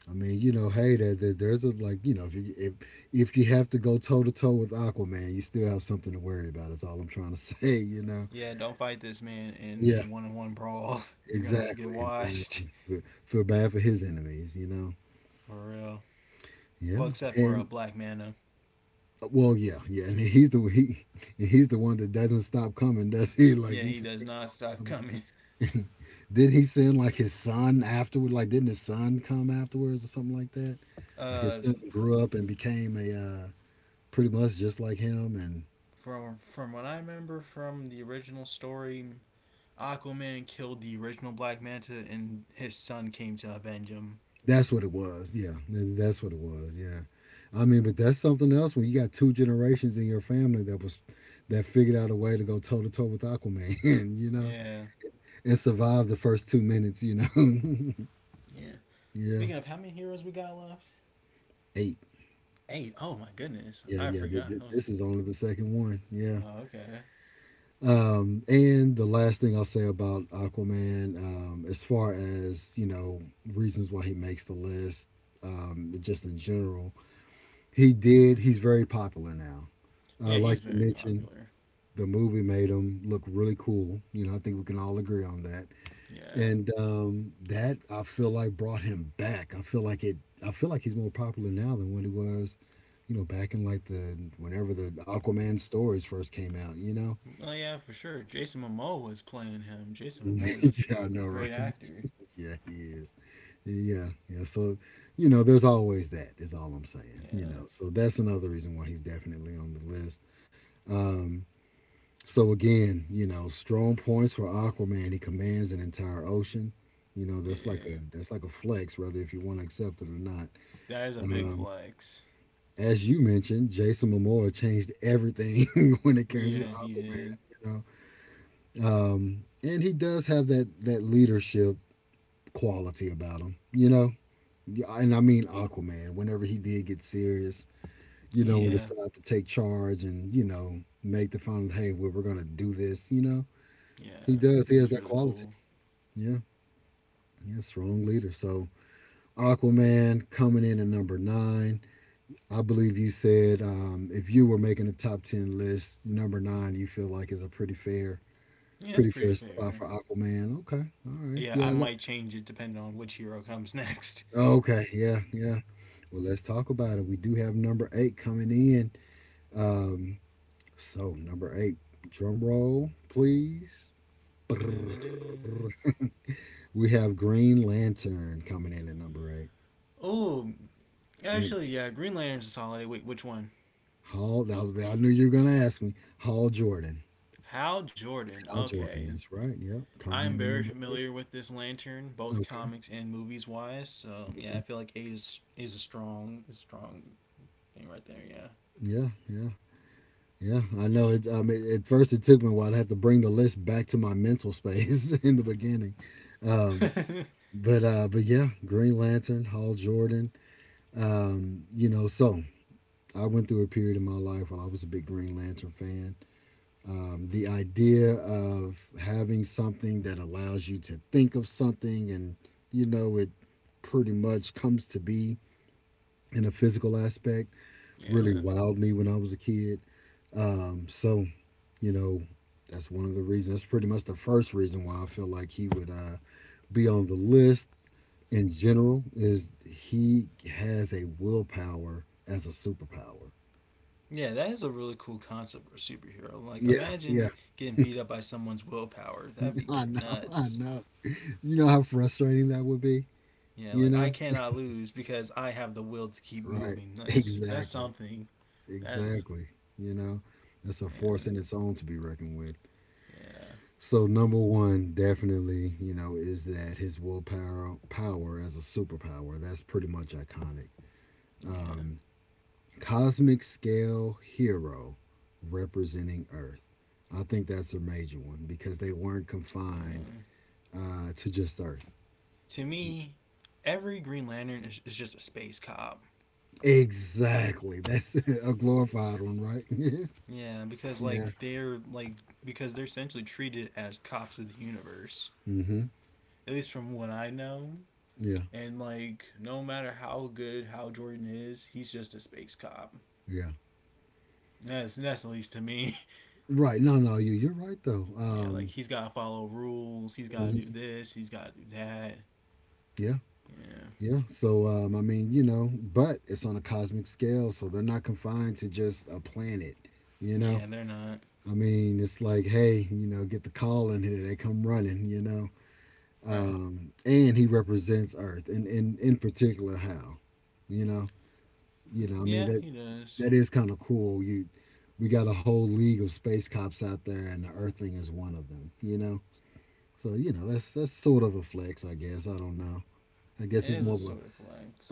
Speaker 1: I mean, you know, hey, that that there's a like, you know, if you have to go toe to toe with Aquaman, you still have something to worry about. Is all I'm trying to say, you know?
Speaker 2: Yeah, don't fight this man in a
Speaker 1: Yeah.
Speaker 2: one on one brawl. You're gonna get
Speaker 1: Exactly, exactly.
Speaker 2: washed.
Speaker 1: Feel bad for his enemies, you know.
Speaker 2: For real.
Speaker 1: Yeah,
Speaker 2: Well, except for a
Speaker 1: and
Speaker 2: black Manta.
Speaker 1: well, yeah, yeah. And he's the one that doesn't stop coming, does he? Like
Speaker 2: Yeah,
Speaker 1: he
Speaker 2: he
Speaker 1: just
Speaker 2: does
Speaker 1: keeps
Speaker 2: not stop
Speaker 1: on
Speaker 2: coming.
Speaker 1: coming. Did he send like his son afterward? Like didn't his son come afterwards or something like that? Like his
Speaker 2: Uh
Speaker 1: son grew up and became a pretty much just like him,
Speaker 2: from what I remember from the original story, Aquaman killed the original Black Manta and his son came to avenge him.
Speaker 1: that's what it was. Yeah, that's what it was. Yeah, I mean, but that's something else when you got 2 generations in your family that figured out a way to go toe to toe with Aquaman, you know,
Speaker 2: Yeah.
Speaker 1: and survive the first 2 minutes, you know.
Speaker 2: Yeah.
Speaker 1: yeah,
Speaker 2: Speaking of how many heroes we got left?
Speaker 1: eight.
Speaker 2: Eight. Oh my goodness.
Speaker 1: Yeah,
Speaker 2: I
Speaker 1: yeah.
Speaker 2: forgot. I was
Speaker 1: This is only the second one. Yeah.
Speaker 2: Oh, okay.
Speaker 1: And the last thing I'll say about Aquaman, as far as reasons why he makes the list, just in general, he did. He's very popular now.
Speaker 2: Yeah,
Speaker 1: Like
Speaker 2: he's
Speaker 1: you
Speaker 2: very
Speaker 1: mentioned,
Speaker 2: popular.
Speaker 1: the movie made him look really cool. You know, I think we can all agree on that.
Speaker 2: Yeah.
Speaker 1: And that I feel like brought him back. I feel like it. I feel like he's more popular now than when he was, back in like the whenever the Aquaman stories first came out.
Speaker 2: Oh yeah, for sure. Jason Momoa was playing him. Jason
Speaker 1: Yeah,
Speaker 2: Momoa is a
Speaker 1: I know, right?
Speaker 2: great actor.
Speaker 1: Yeah, he is. Yeah, yeah. So, there's always that. Is all I'm saying. You
Speaker 2: Yeah,
Speaker 1: know, So that's another reason why he's definitely on the list. Um, So again, strong points for Aquaman. He commands an entire ocean.
Speaker 2: yeah.
Speaker 1: That's like a flex, whether if you want to accept it or not.
Speaker 2: That is a big
Speaker 1: Um,
Speaker 2: flex.
Speaker 1: as you mentioned, Jason Momoa changed everything when it comes to
Speaker 2: Yeah, he
Speaker 1: Aquaman.
Speaker 2: did.
Speaker 1: And he does have that leadership quality about him. Yeah, and I mean Aquaman. Whenever he did get serious, and
Speaker 2: Yeah,
Speaker 1: decide to take charge and make the final, hey, we're gonna do this.
Speaker 2: yeah.
Speaker 1: He does.
Speaker 2: He
Speaker 1: He has
Speaker 2: was
Speaker 1: that
Speaker 2: really
Speaker 1: quality.
Speaker 2: cool.
Speaker 1: Yeah. Yeah, strong leader. So Aquaman coming in at number nine. I believe you said if you were making a top 10 list, number nine you feel like is a pretty fair,
Speaker 2: Yeah, it's
Speaker 1: pretty
Speaker 2: pretty
Speaker 1: fair spot
Speaker 2: fair.
Speaker 1: for Aquaman. Okay, all right,
Speaker 2: Yeah,
Speaker 1: yeah,
Speaker 2: I might change it depending on which hero comes next.
Speaker 1: okay, yeah, yeah. Well, let's talk about it. We do have number eight coming in. Um, so number eight, drum roll, please. We have Green Lantern coming in at number eight.
Speaker 2: Oh,
Speaker 1: And
Speaker 2: actually, yeah. Green Lantern's a solid. Wait, which one?
Speaker 1: Hal, I knew you were gonna ask me. Hal Jordan.
Speaker 2: Hal Jordan.
Speaker 1: Hal Jordan.
Speaker 2: Okay,
Speaker 1: That's right. Yep.
Speaker 2: I
Speaker 1: Coming
Speaker 2: am
Speaker 1: in at
Speaker 2: very
Speaker 1: number eight.
Speaker 2: familiar with this lantern, both
Speaker 1: Okay.
Speaker 2: comics and movies wise. So yeah, I feel like eight is a strong is a strong thing right there.
Speaker 1: Yeah. Yeah. Yeah. I know. It. I mean, at first it took me a while. I had to bring the list back to my mental space in the beginning. Um,
Speaker 2: Yeah,
Speaker 1: but yeah, Green Lantern, Hal Jordan. So I went through a period in my life where I was a big Green Lantern fan. The idea of having something that allows you to think of something and, it pretty much comes to be in a physical aspect really
Speaker 2: yeah,
Speaker 1: wowed me when I was a kid. So, you know, that's one of the reasons. That's pretty much the first reason why I feel like he would be on the list in general is he has a willpower as a superpower.
Speaker 2: yeah. That is a really cool concept for a superhero. Like
Speaker 1: Yeah, yeah.
Speaker 2: imagine getting beat up by someone's willpower. That'd be
Speaker 1: I know, I
Speaker 2: nuts.
Speaker 1: know. You know how frustrating that would be,
Speaker 2: Yeah,
Speaker 1: you
Speaker 2: like I
Speaker 1: know?
Speaker 2: cannot lose because I have the will to keep
Speaker 1: Right.
Speaker 2: moving. Like, that's
Speaker 1: Exactly.
Speaker 2: something. That is
Speaker 1: Exactly. You know, that's a force
Speaker 2: yeah
Speaker 1: in its own to be reckoned with.
Speaker 2: yeah
Speaker 1: So number one, definitely, is that his willpower power as a superpower. That's pretty much iconic.
Speaker 2: yeah.
Speaker 1: Cosmic scale hero representing Earth. I think that's a major one because they weren't confined
Speaker 2: Uh,
Speaker 1: to just Earth.
Speaker 2: to me, every Green Lantern is just a space cop.
Speaker 1: Exactly. That's a glorified one, right?
Speaker 2: Yeah, because like
Speaker 1: Yeah.
Speaker 2: they're like because they're essentially treated as cops of the universe.
Speaker 1: Mm-hmm.
Speaker 2: At least from what I know.
Speaker 1: Yeah.
Speaker 2: And like no matter how good Hal Jordan is, he's just a space cop.
Speaker 1: Yeah.
Speaker 2: That's at least to me.
Speaker 1: Right. No, no, you're right though.
Speaker 2: yeah, like he's gotta follow rules, he's gotta
Speaker 1: Mhm,
Speaker 2: do this, he's gotta do that.
Speaker 1: yeah.
Speaker 2: Yeah.
Speaker 1: Yeah. So I mean, but it's on a cosmic scale, so they're not confined to just a planet, you know?
Speaker 2: Yeah, they're not.
Speaker 1: I mean, it's like, hey, get the call in here, they come running.
Speaker 2: Right.
Speaker 1: And he represents Earth and in particular Hal. you know. I mean
Speaker 2: Yeah,
Speaker 1: that
Speaker 2: he does.
Speaker 1: that is kind of cool. You We got a whole league of space cops out there and the earthling is one of them. So that's sort of a flex, I guess. I don't know. I guess
Speaker 2: It
Speaker 1: it's
Speaker 2: is a
Speaker 1: more of a
Speaker 2: sort of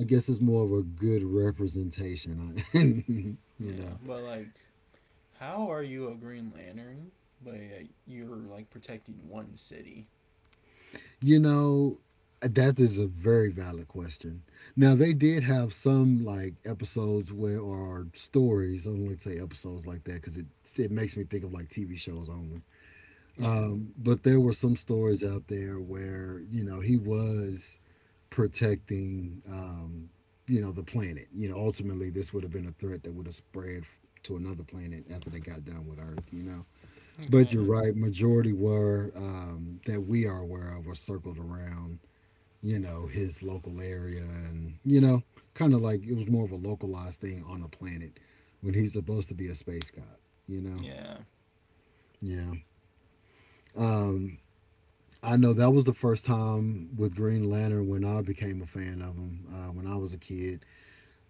Speaker 1: I guess it's more of a good representation.
Speaker 2: Yeah. But like how are you a Green Lantern? But you're like protecting one city.
Speaker 1: You know, that is a very valid question. Now they did have some like episodes where or stories. I don't like to say episodes like that because it makes me think of like TV shows only.
Speaker 2: Yeah.
Speaker 1: But there were some stories out there where he was protecting, the planet. Ultimately this would have been a threat that would have spread to another planet after they got done with Earth. But
Speaker 2: Okay.
Speaker 1: you're right. Majority were that we are aware of were circled around. You know, his local area, and kind of like it was more of a localized thing on a planet when he's supposed to be a space god. You know,
Speaker 2: Yeah.
Speaker 1: yeah. Um, I know that was the first time with Green Lantern when I became a fan of him when I was a kid.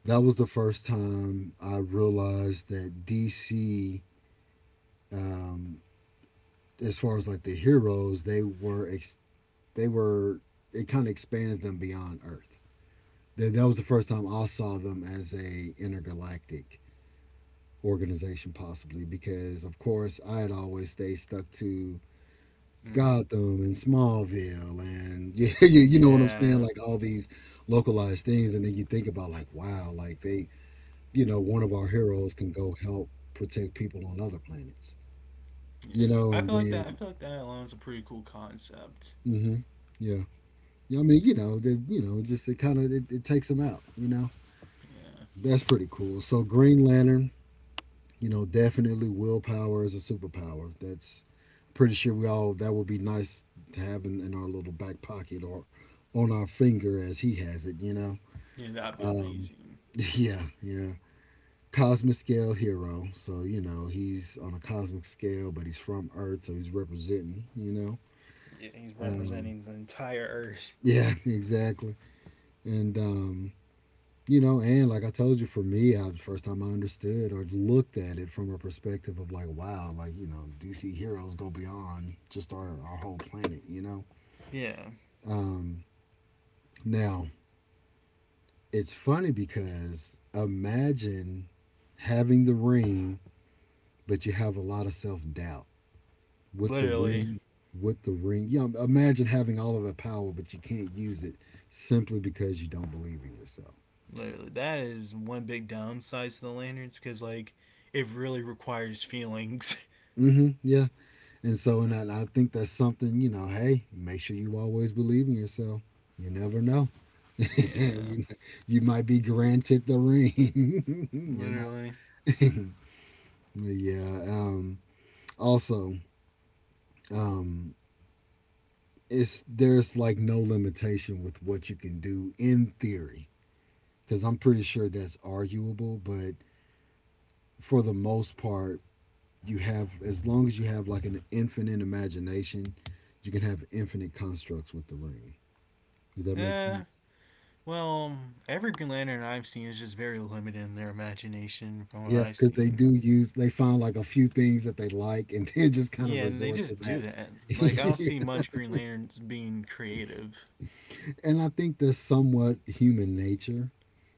Speaker 1: That was the first time I realized that DC, um, as far as like the heroes, they were it kind of expands them beyond Earth. That was the first time I saw them as a intergalactic organization, possibly because of course I had always stayed stuck to
Speaker 2: Hmm.
Speaker 1: Gotham and Smallville and yeah, yeah, you know what I'm saying?
Speaker 2: Yeah.
Speaker 1: Like all these localized things, and then you think about like, wow, like they, one of our heroes can go help protect people on other planets,
Speaker 2: Yeah. I
Speaker 1: and
Speaker 2: feel like that. I
Speaker 1: then,
Speaker 2: feel like that alone is a pretty cool concept.
Speaker 1: hmm yeah, yeah. I mean, that just it kind of it takes them out.
Speaker 2: Yeah.
Speaker 1: That's pretty cool. So Green Lantern, definitely willpower is a superpower. That's pretty sure we all that would be nice to have in our little back pocket or on our finger as he has it.
Speaker 2: Yeah, that'd be
Speaker 1: Um,
Speaker 2: amazing.
Speaker 1: yeah, yeah. Cosmic scale hero. So, he's on a cosmic scale, but he's from Earth, so he's representing.
Speaker 2: Yeah, he's
Speaker 1: Um,
Speaker 2: representing the entire Earth.
Speaker 1: yeah, exactly. And, um, and like I told you, for me, the first time I understood or looked at it from a perspective of like, wow, like, DC heroes go beyond just our whole planet.
Speaker 2: Yeah,
Speaker 1: Um, Now, it's funny because imagine having the ring but you have a lot of self doubt with the
Speaker 2: literally,
Speaker 1: ring. With the ring, imagine having all of that power, but you can't use it simply because you don't believe in yourself.
Speaker 2: literally. That is one big downside to the lanterns because like it really requires feelings.
Speaker 1: Yeah, and so and I think that's something. Hey, make sure you always believe in yourself. You never know.
Speaker 2: yeah,
Speaker 1: you, you might be granted the ring.
Speaker 2: literally.
Speaker 1: Know. But yeah. Also, um, it's there's like no limitation with what you can do in theory. Because I'm pretty sure that's arguable. But for the most part, you have as long as you have like an infinite imagination, you can have infinite constructs with the ring. Does that make
Speaker 2: Eh.
Speaker 1: sense?
Speaker 2: Well, every Green Lantern I've seen is just very limited in their imagination from what
Speaker 1: Yeah,
Speaker 2: I've
Speaker 1: because they
Speaker 2: seen.
Speaker 1: do use they find like a few things that they like and then just kind of
Speaker 2: Yeah, and they
Speaker 1: resort
Speaker 2: just
Speaker 1: to
Speaker 2: do
Speaker 1: that.
Speaker 2: that. Like I don't see much Green Lanterns being creative.
Speaker 1: And I think that's somewhat human nature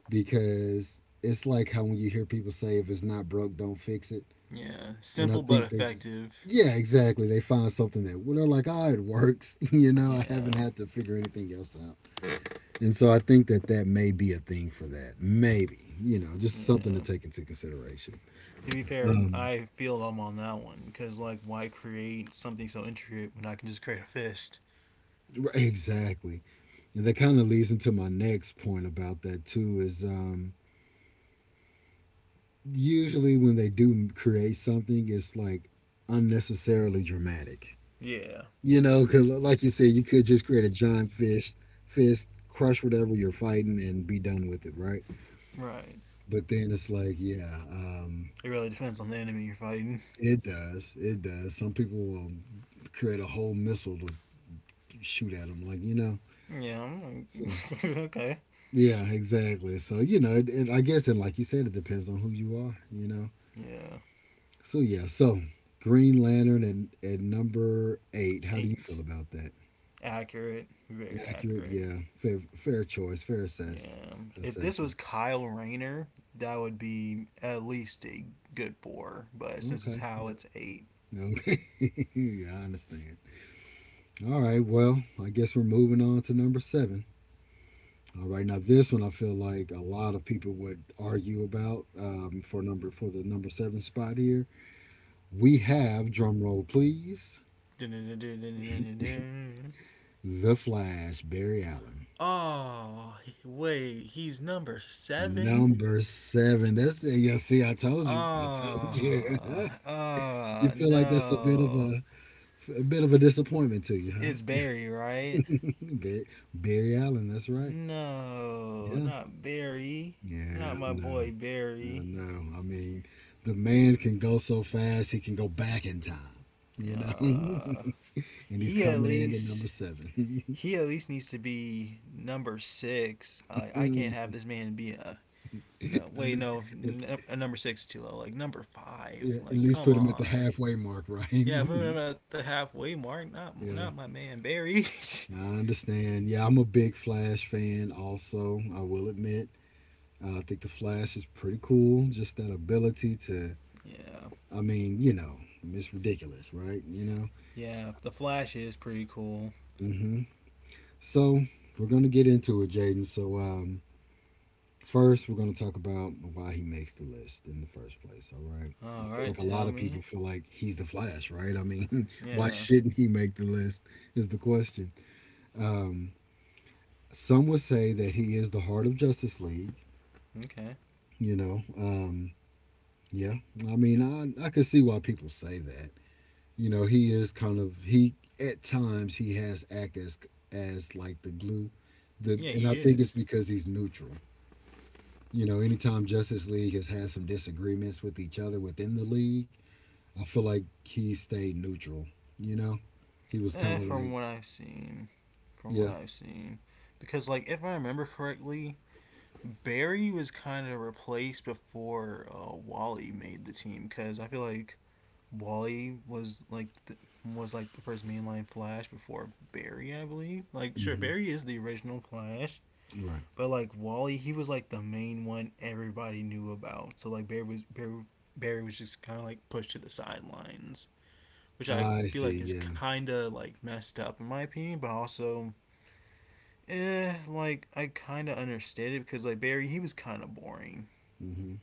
Speaker 1: because it's like how when you hear people say if it's not broke, don't fix it.
Speaker 2: Yeah,
Speaker 1: And I
Speaker 2: simple but
Speaker 1: think they just
Speaker 2: effective.
Speaker 1: yeah, exactly. They find something that well, they're like, ah, it works. I haven't
Speaker 2: Yeah,
Speaker 1: had to figure anything else out, and so I think that that may be a thing for that. Maybe just something to
Speaker 2: yeah.
Speaker 1: take into consideration.
Speaker 2: To be fair, I feel I'm on that one because why create something so intricate when I can just create a fist?
Speaker 1: Right, exactly, and that kind of leads into my next point about that too. Is usually when they do create something, it's like unnecessarily dramatic.
Speaker 2: Yeah,
Speaker 1: You know, because like you said, you could just create a giant fist, crush whatever you're fighting, and be done with it, right?
Speaker 2: right.
Speaker 1: But then it's like, yeah,
Speaker 2: It really depends on the enemy you're fighting.
Speaker 1: it does, it does. Some people will create a whole missile to shoot at them, like.
Speaker 2: Yeah, I'm
Speaker 1: So,
Speaker 2: like, okay.
Speaker 1: yeah, exactly. So it, I guess, and like you said, it depends on who you are.
Speaker 2: Yeah,
Speaker 1: So yeah, so Green Lantern and at number eight, how do you
Speaker 2: eight.
Speaker 1: feel about that?
Speaker 2: Accurate, very
Speaker 1: Accurate,
Speaker 2: accurate.
Speaker 1: yeah, fair, fair choice, fair
Speaker 2: Yeah. If this was
Speaker 1: assessment.
Speaker 2: Kyle Rayner, that would be at least a good four. But since it's
Speaker 1: Okay.
Speaker 2: Hal, it's eight.
Speaker 1: Yeah. Okay. yeah, I understand. All right. Well, I guess we're moving on to number seven. All right. Now this one, I feel like a lot of people would argue about for number for the number seven spot here. We have drum roll, please. The Flash, Barry Allen.
Speaker 2: Oh, wait, he's number seven?
Speaker 1: Number seven. That's the Yeah. See, I told you. I told you.
Speaker 2: Oh,
Speaker 1: You
Speaker 2: oh,
Speaker 1: feel like that's a bit of
Speaker 2: no.
Speaker 1: a a bit of a disappointment to you,
Speaker 2: It's
Speaker 1: huh?
Speaker 2: Barry, right?
Speaker 1: Barry, Barry Allen. That's right.
Speaker 2: No,
Speaker 1: Yeah.
Speaker 2: not Barry.
Speaker 1: Yeah.
Speaker 2: Not my
Speaker 1: No.
Speaker 2: boy
Speaker 1: I
Speaker 2: Barry.
Speaker 1: know. I mean, the man can go so fast, he can go back in time.
Speaker 2: Uh,
Speaker 1: And he's
Speaker 2: he at
Speaker 1: coming in at number
Speaker 2: least
Speaker 1: seven.
Speaker 2: needs to be number six. I can't have this man be a no.
Speaker 1: I
Speaker 2: Wait,
Speaker 1: know.
Speaker 2: no,
Speaker 1: At,
Speaker 2: a number six is too low. Like number five.
Speaker 1: yeah, at
Speaker 2: Like
Speaker 1: least
Speaker 2: come
Speaker 1: put him at the
Speaker 2: on.
Speaker 1: halfway mark, right?
Speaker 2: Yeah, put him at the halfway mark. Not my
Speaker 1: Yeah,
Speaker 2: man Barry.
Speaker 1: I understand. Yeah, I'm a big Flash fan, also, I will admit. I think the Flash is pretty cool. Just that ability to,
Speaker 2: yeah,
Speaker 1: it's ridiculous, right?
Speaker 2: yeah. The Flash is pretty cool.
Speaker 1: Hmm. So, we're going to get into it, Jaden. First, we're going to talk about why he makes the list in the first place. All right. I
Speaker 2: All
Speaker 1: feel
Speaker 2: right,
Speaker 1: like a lot
Speaker 2: tell
Speaker 1: of
Speaker 2: me.
Speaker 1: people feel like he's the Flash, right? I mean, why
Speaker 2: Yeah.
Speaker 1: shouldn't he make the list? Is the question. Um, some would say that he is the heart of Justice League.
Speaker 2: Okay.
Speaker 1: You know, um, yeah. I mean, I could see why people say that. You know, he is kind of he at times he has act as like the glue. The
Speaker 2: Yeah,
Speaker 1: and I
Speaker 2: he
Speaker 1: think it's
Speaker 2: is.
Speaker 1: because he's neutral. You know, anytime Justice League has had some disagreements with each other within the league, I feel like he stayed neutral. You know, he was kind of
Speaker 2: From
Speaker 1: like,
Speaker 2: what I've seen, from what
Speaker 1: yeah.
Speaker 2: I've seen, because if I remember correctly, Barry was kind of replaced before Wally made the team because I feel like Wally was like the first mainline Flash before Barry, I believe. Like, sure,
Speaker 1: Hmm.
Speaker 2: Barry is the original Flash,
Speaker 1: Right.
Speaker 2: but like Wally, he was like the main one everybody knew about. So like Barry was Barry, Barry was just kind of like pushed to the sidelines, which I
Speaker 1: I
Speaker 2: feel
Speaker 1: see.
Speaker 2: like is
Speaker 1: Yeah.
Speaker 2: kind of like messed up in my opinion, but also. Like I kind of understand it because like Barry, he was kind of boring.
Speaker 1: Hmm.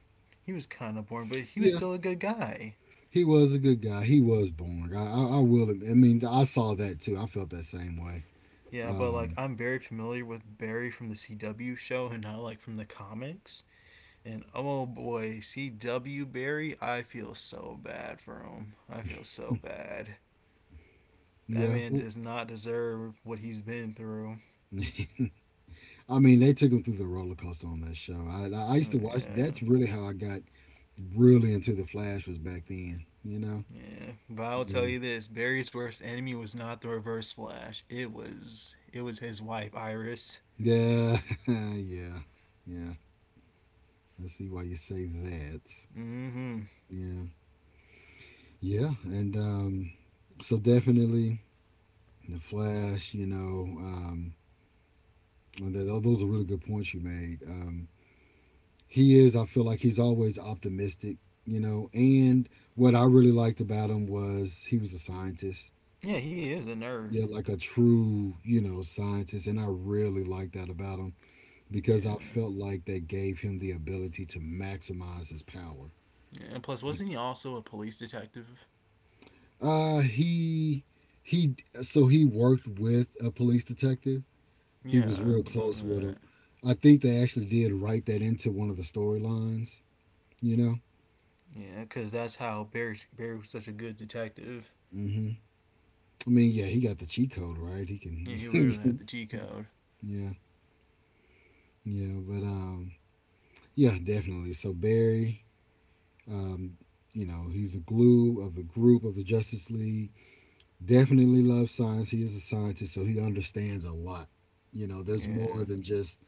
Speaker 2: He was kind of boring, but he was
Speaker 1: Yeah,
Speaker 2: still a good guy.
Speaker 1: he was a good guy. He was born. I will. Admit— I mean, I saw that too. I felt that same way.
Speaker 2: Yeah, but like I'm very familiar with Barry from the CW show and not like from the comics. And oh boy, CW Barry, I feel so bad for him. I feel so bad. That
Speaker 1: Yeah.
Speaker 2: man
Speaker 1: W—
Speaker 2: does not deserve what he's been through.
Speaker 1: I mean, they took him through the roller coaster on that show. I used
Speaker 2: Oh,
Speaker 1: to watch.
Speaker 2: yeah.
Speaker 1: That's really how I got really into the Flash was back then. You know.
Speaker 2: Yeah, but I'll tell
Speaker 1: Yeah.
Speaker 2: you this: Barry's worst enemy was not the Reverse Flash. It was his wife, Iris.
Speaker 1: Yeah, yeah, yeah. I see why you say that.
Speaker 2: Mm-hmm.
Speaker 1: Yeah, yeah, and so definitely the Flash. You know, and that, oh, those are really good points you made. He is. I feel like he's always optimistic. You know, and what I really liked about him was he was a scientist.
Speaker 2: Yeah, he is a nerd.
Speaker 1: Yeah, like a true, you know, scientist, and I really liked that about him because I
Speaker 2: Yeah.
Speaker 1: felt like that gave him the ability to maximize his power.
Speaker 2: Yeah, and plus, wasn't he also a police detective?
Speaker 1: He he. So he worked with a police detective. He
Speaker 2: Yeah,
Speaker 1: was
Speaker 2: I
Speaker 1: real
Speaker 2: remember
Speaker 1: close with him.
Speaker 2: that.
Speaker 1: I think they actually did write that into one of the storylines. You know.
Speaker 2: Yeah, because that's how Barry was such a good detective.
Speaker 1: Hmm. I mean, yeah, he got the cheat code, right? He
Speaker 2: Yeah, he literally had the
Speaker 1: can.
Speaker 2: G code.
Speaker 1: yeah, yeah, but yeah, definitely. So Barry, um, you know, he's the glue of the group of the Justice League. Definitely loves science. He is a scientist, so he understands a lot. You know, there's
Speaker 2: Yeah,
Speaker 1: more than just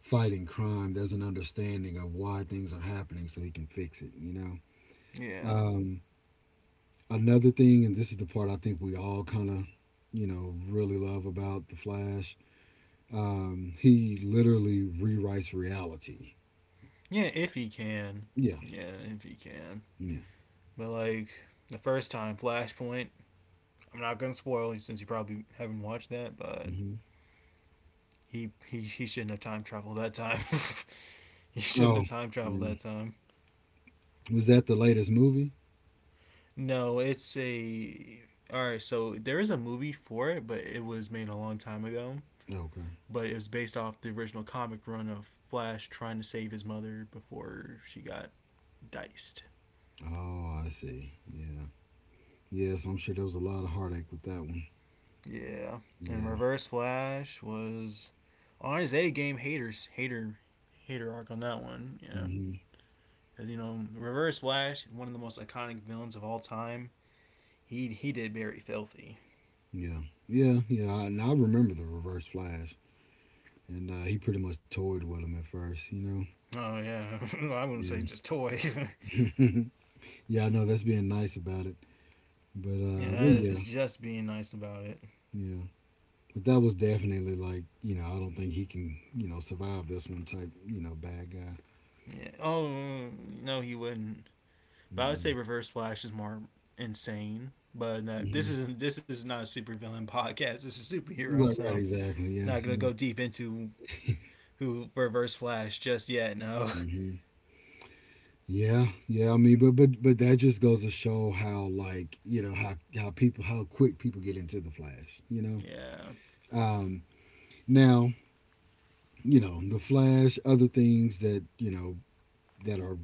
Speaker 1: fighting crime, there's an understanding of why things are happening so he can fix it, you know?
Speaker 2: yeah,
Speaker 1: Um, another thing, and this is the part I think we all kind of, you know, really love about The Flash, he literally rewrites reality.
Speaker 2: yeah. If he can,
Speaker 1: Yeah,
Speaker 2: yeah, if he can.
Speaker 1: yeah.
Speaker 2: But like the first time, Flashpoint. I'm not gonna spoil you since you probably haven't watched that, but
Speaker 1: Hmm.
Speaker 2: he shouldn't have time traveled that time. he shouldn't
Speaker 1: Oh,
Speaker 2: have time traveled
Speaker 1: yeah.
Speaker 2: that time.
Speaker 1: Was that the latest movie?
Speaker 2: No, it's a. All right, so there is a movie for it, but it was made a long time ago.
Speaker 1: Okay.
Speaker 2: But it was based off the original comic run of Flash trying to save his mother before she got diced.
Speaker 1: Oh, I see. Yeah. Yes, I'm sure there was a lot of heartache with that one.
Speaker 2: Yeah, and
Speaker 1: Yeah.
Speaker 2: Reverse Flash was on his A game. Haters, hater, hater arc on that one. Yeah,
Speaker 1: Hmm.
Speaker 2: because you know Reverse Flash, one of the most iconic villains of all time. He did very filthy.
Speaker 1: Yeah. Yeah. Yeah. I, and I remember the Reverse Flash. And he pretty much toyed with him at first, you know.
Speaker 2: Oh yeah, I wouldn't
Speaker 1: Yeah,
Speaker 2: say just toy.
Speaker 1: yeah, I know that's being nice about it, but
Speaker 2: yeah,
Speaker 1: uh,
Speaker 2: that
Speaker 1: but
Speaker 2: is
Speaker 1: yeah,
Speaker 2: just being nice about it.
Speaker 1: yeah, but that was definitely like you know I don't think he can you know survive this one type you know bad guy.
Speaker 2: Yeah. Oh mm, no, he wouldn't. But I would say
Speaker 1: Mm-mm.
Speaker 2: Reverse Flash is more insane. But that
Speaker 1: Hmm.
Speaker 2: this isn't. This is not a supervillain podcast. This is a superhero.
Speaker 1: Right,
Speaker 2: So
Speaker 1: right, exactly.
Speaker 2: not
Speaker 1: Yeah,
Speaker 2: gonna go
Speaker 1: yeah.
Speaker 2: deep into who Reverse Flash just yet. No.
Speaker 1: Hmm. Yeah, yeah. I mean, but that just goes to show how like you know how people how quick people get into the Flash. You
Speaker 2: Yeah.
Speaker 1: know. Um. Now you know the Flash. Other things that you know that are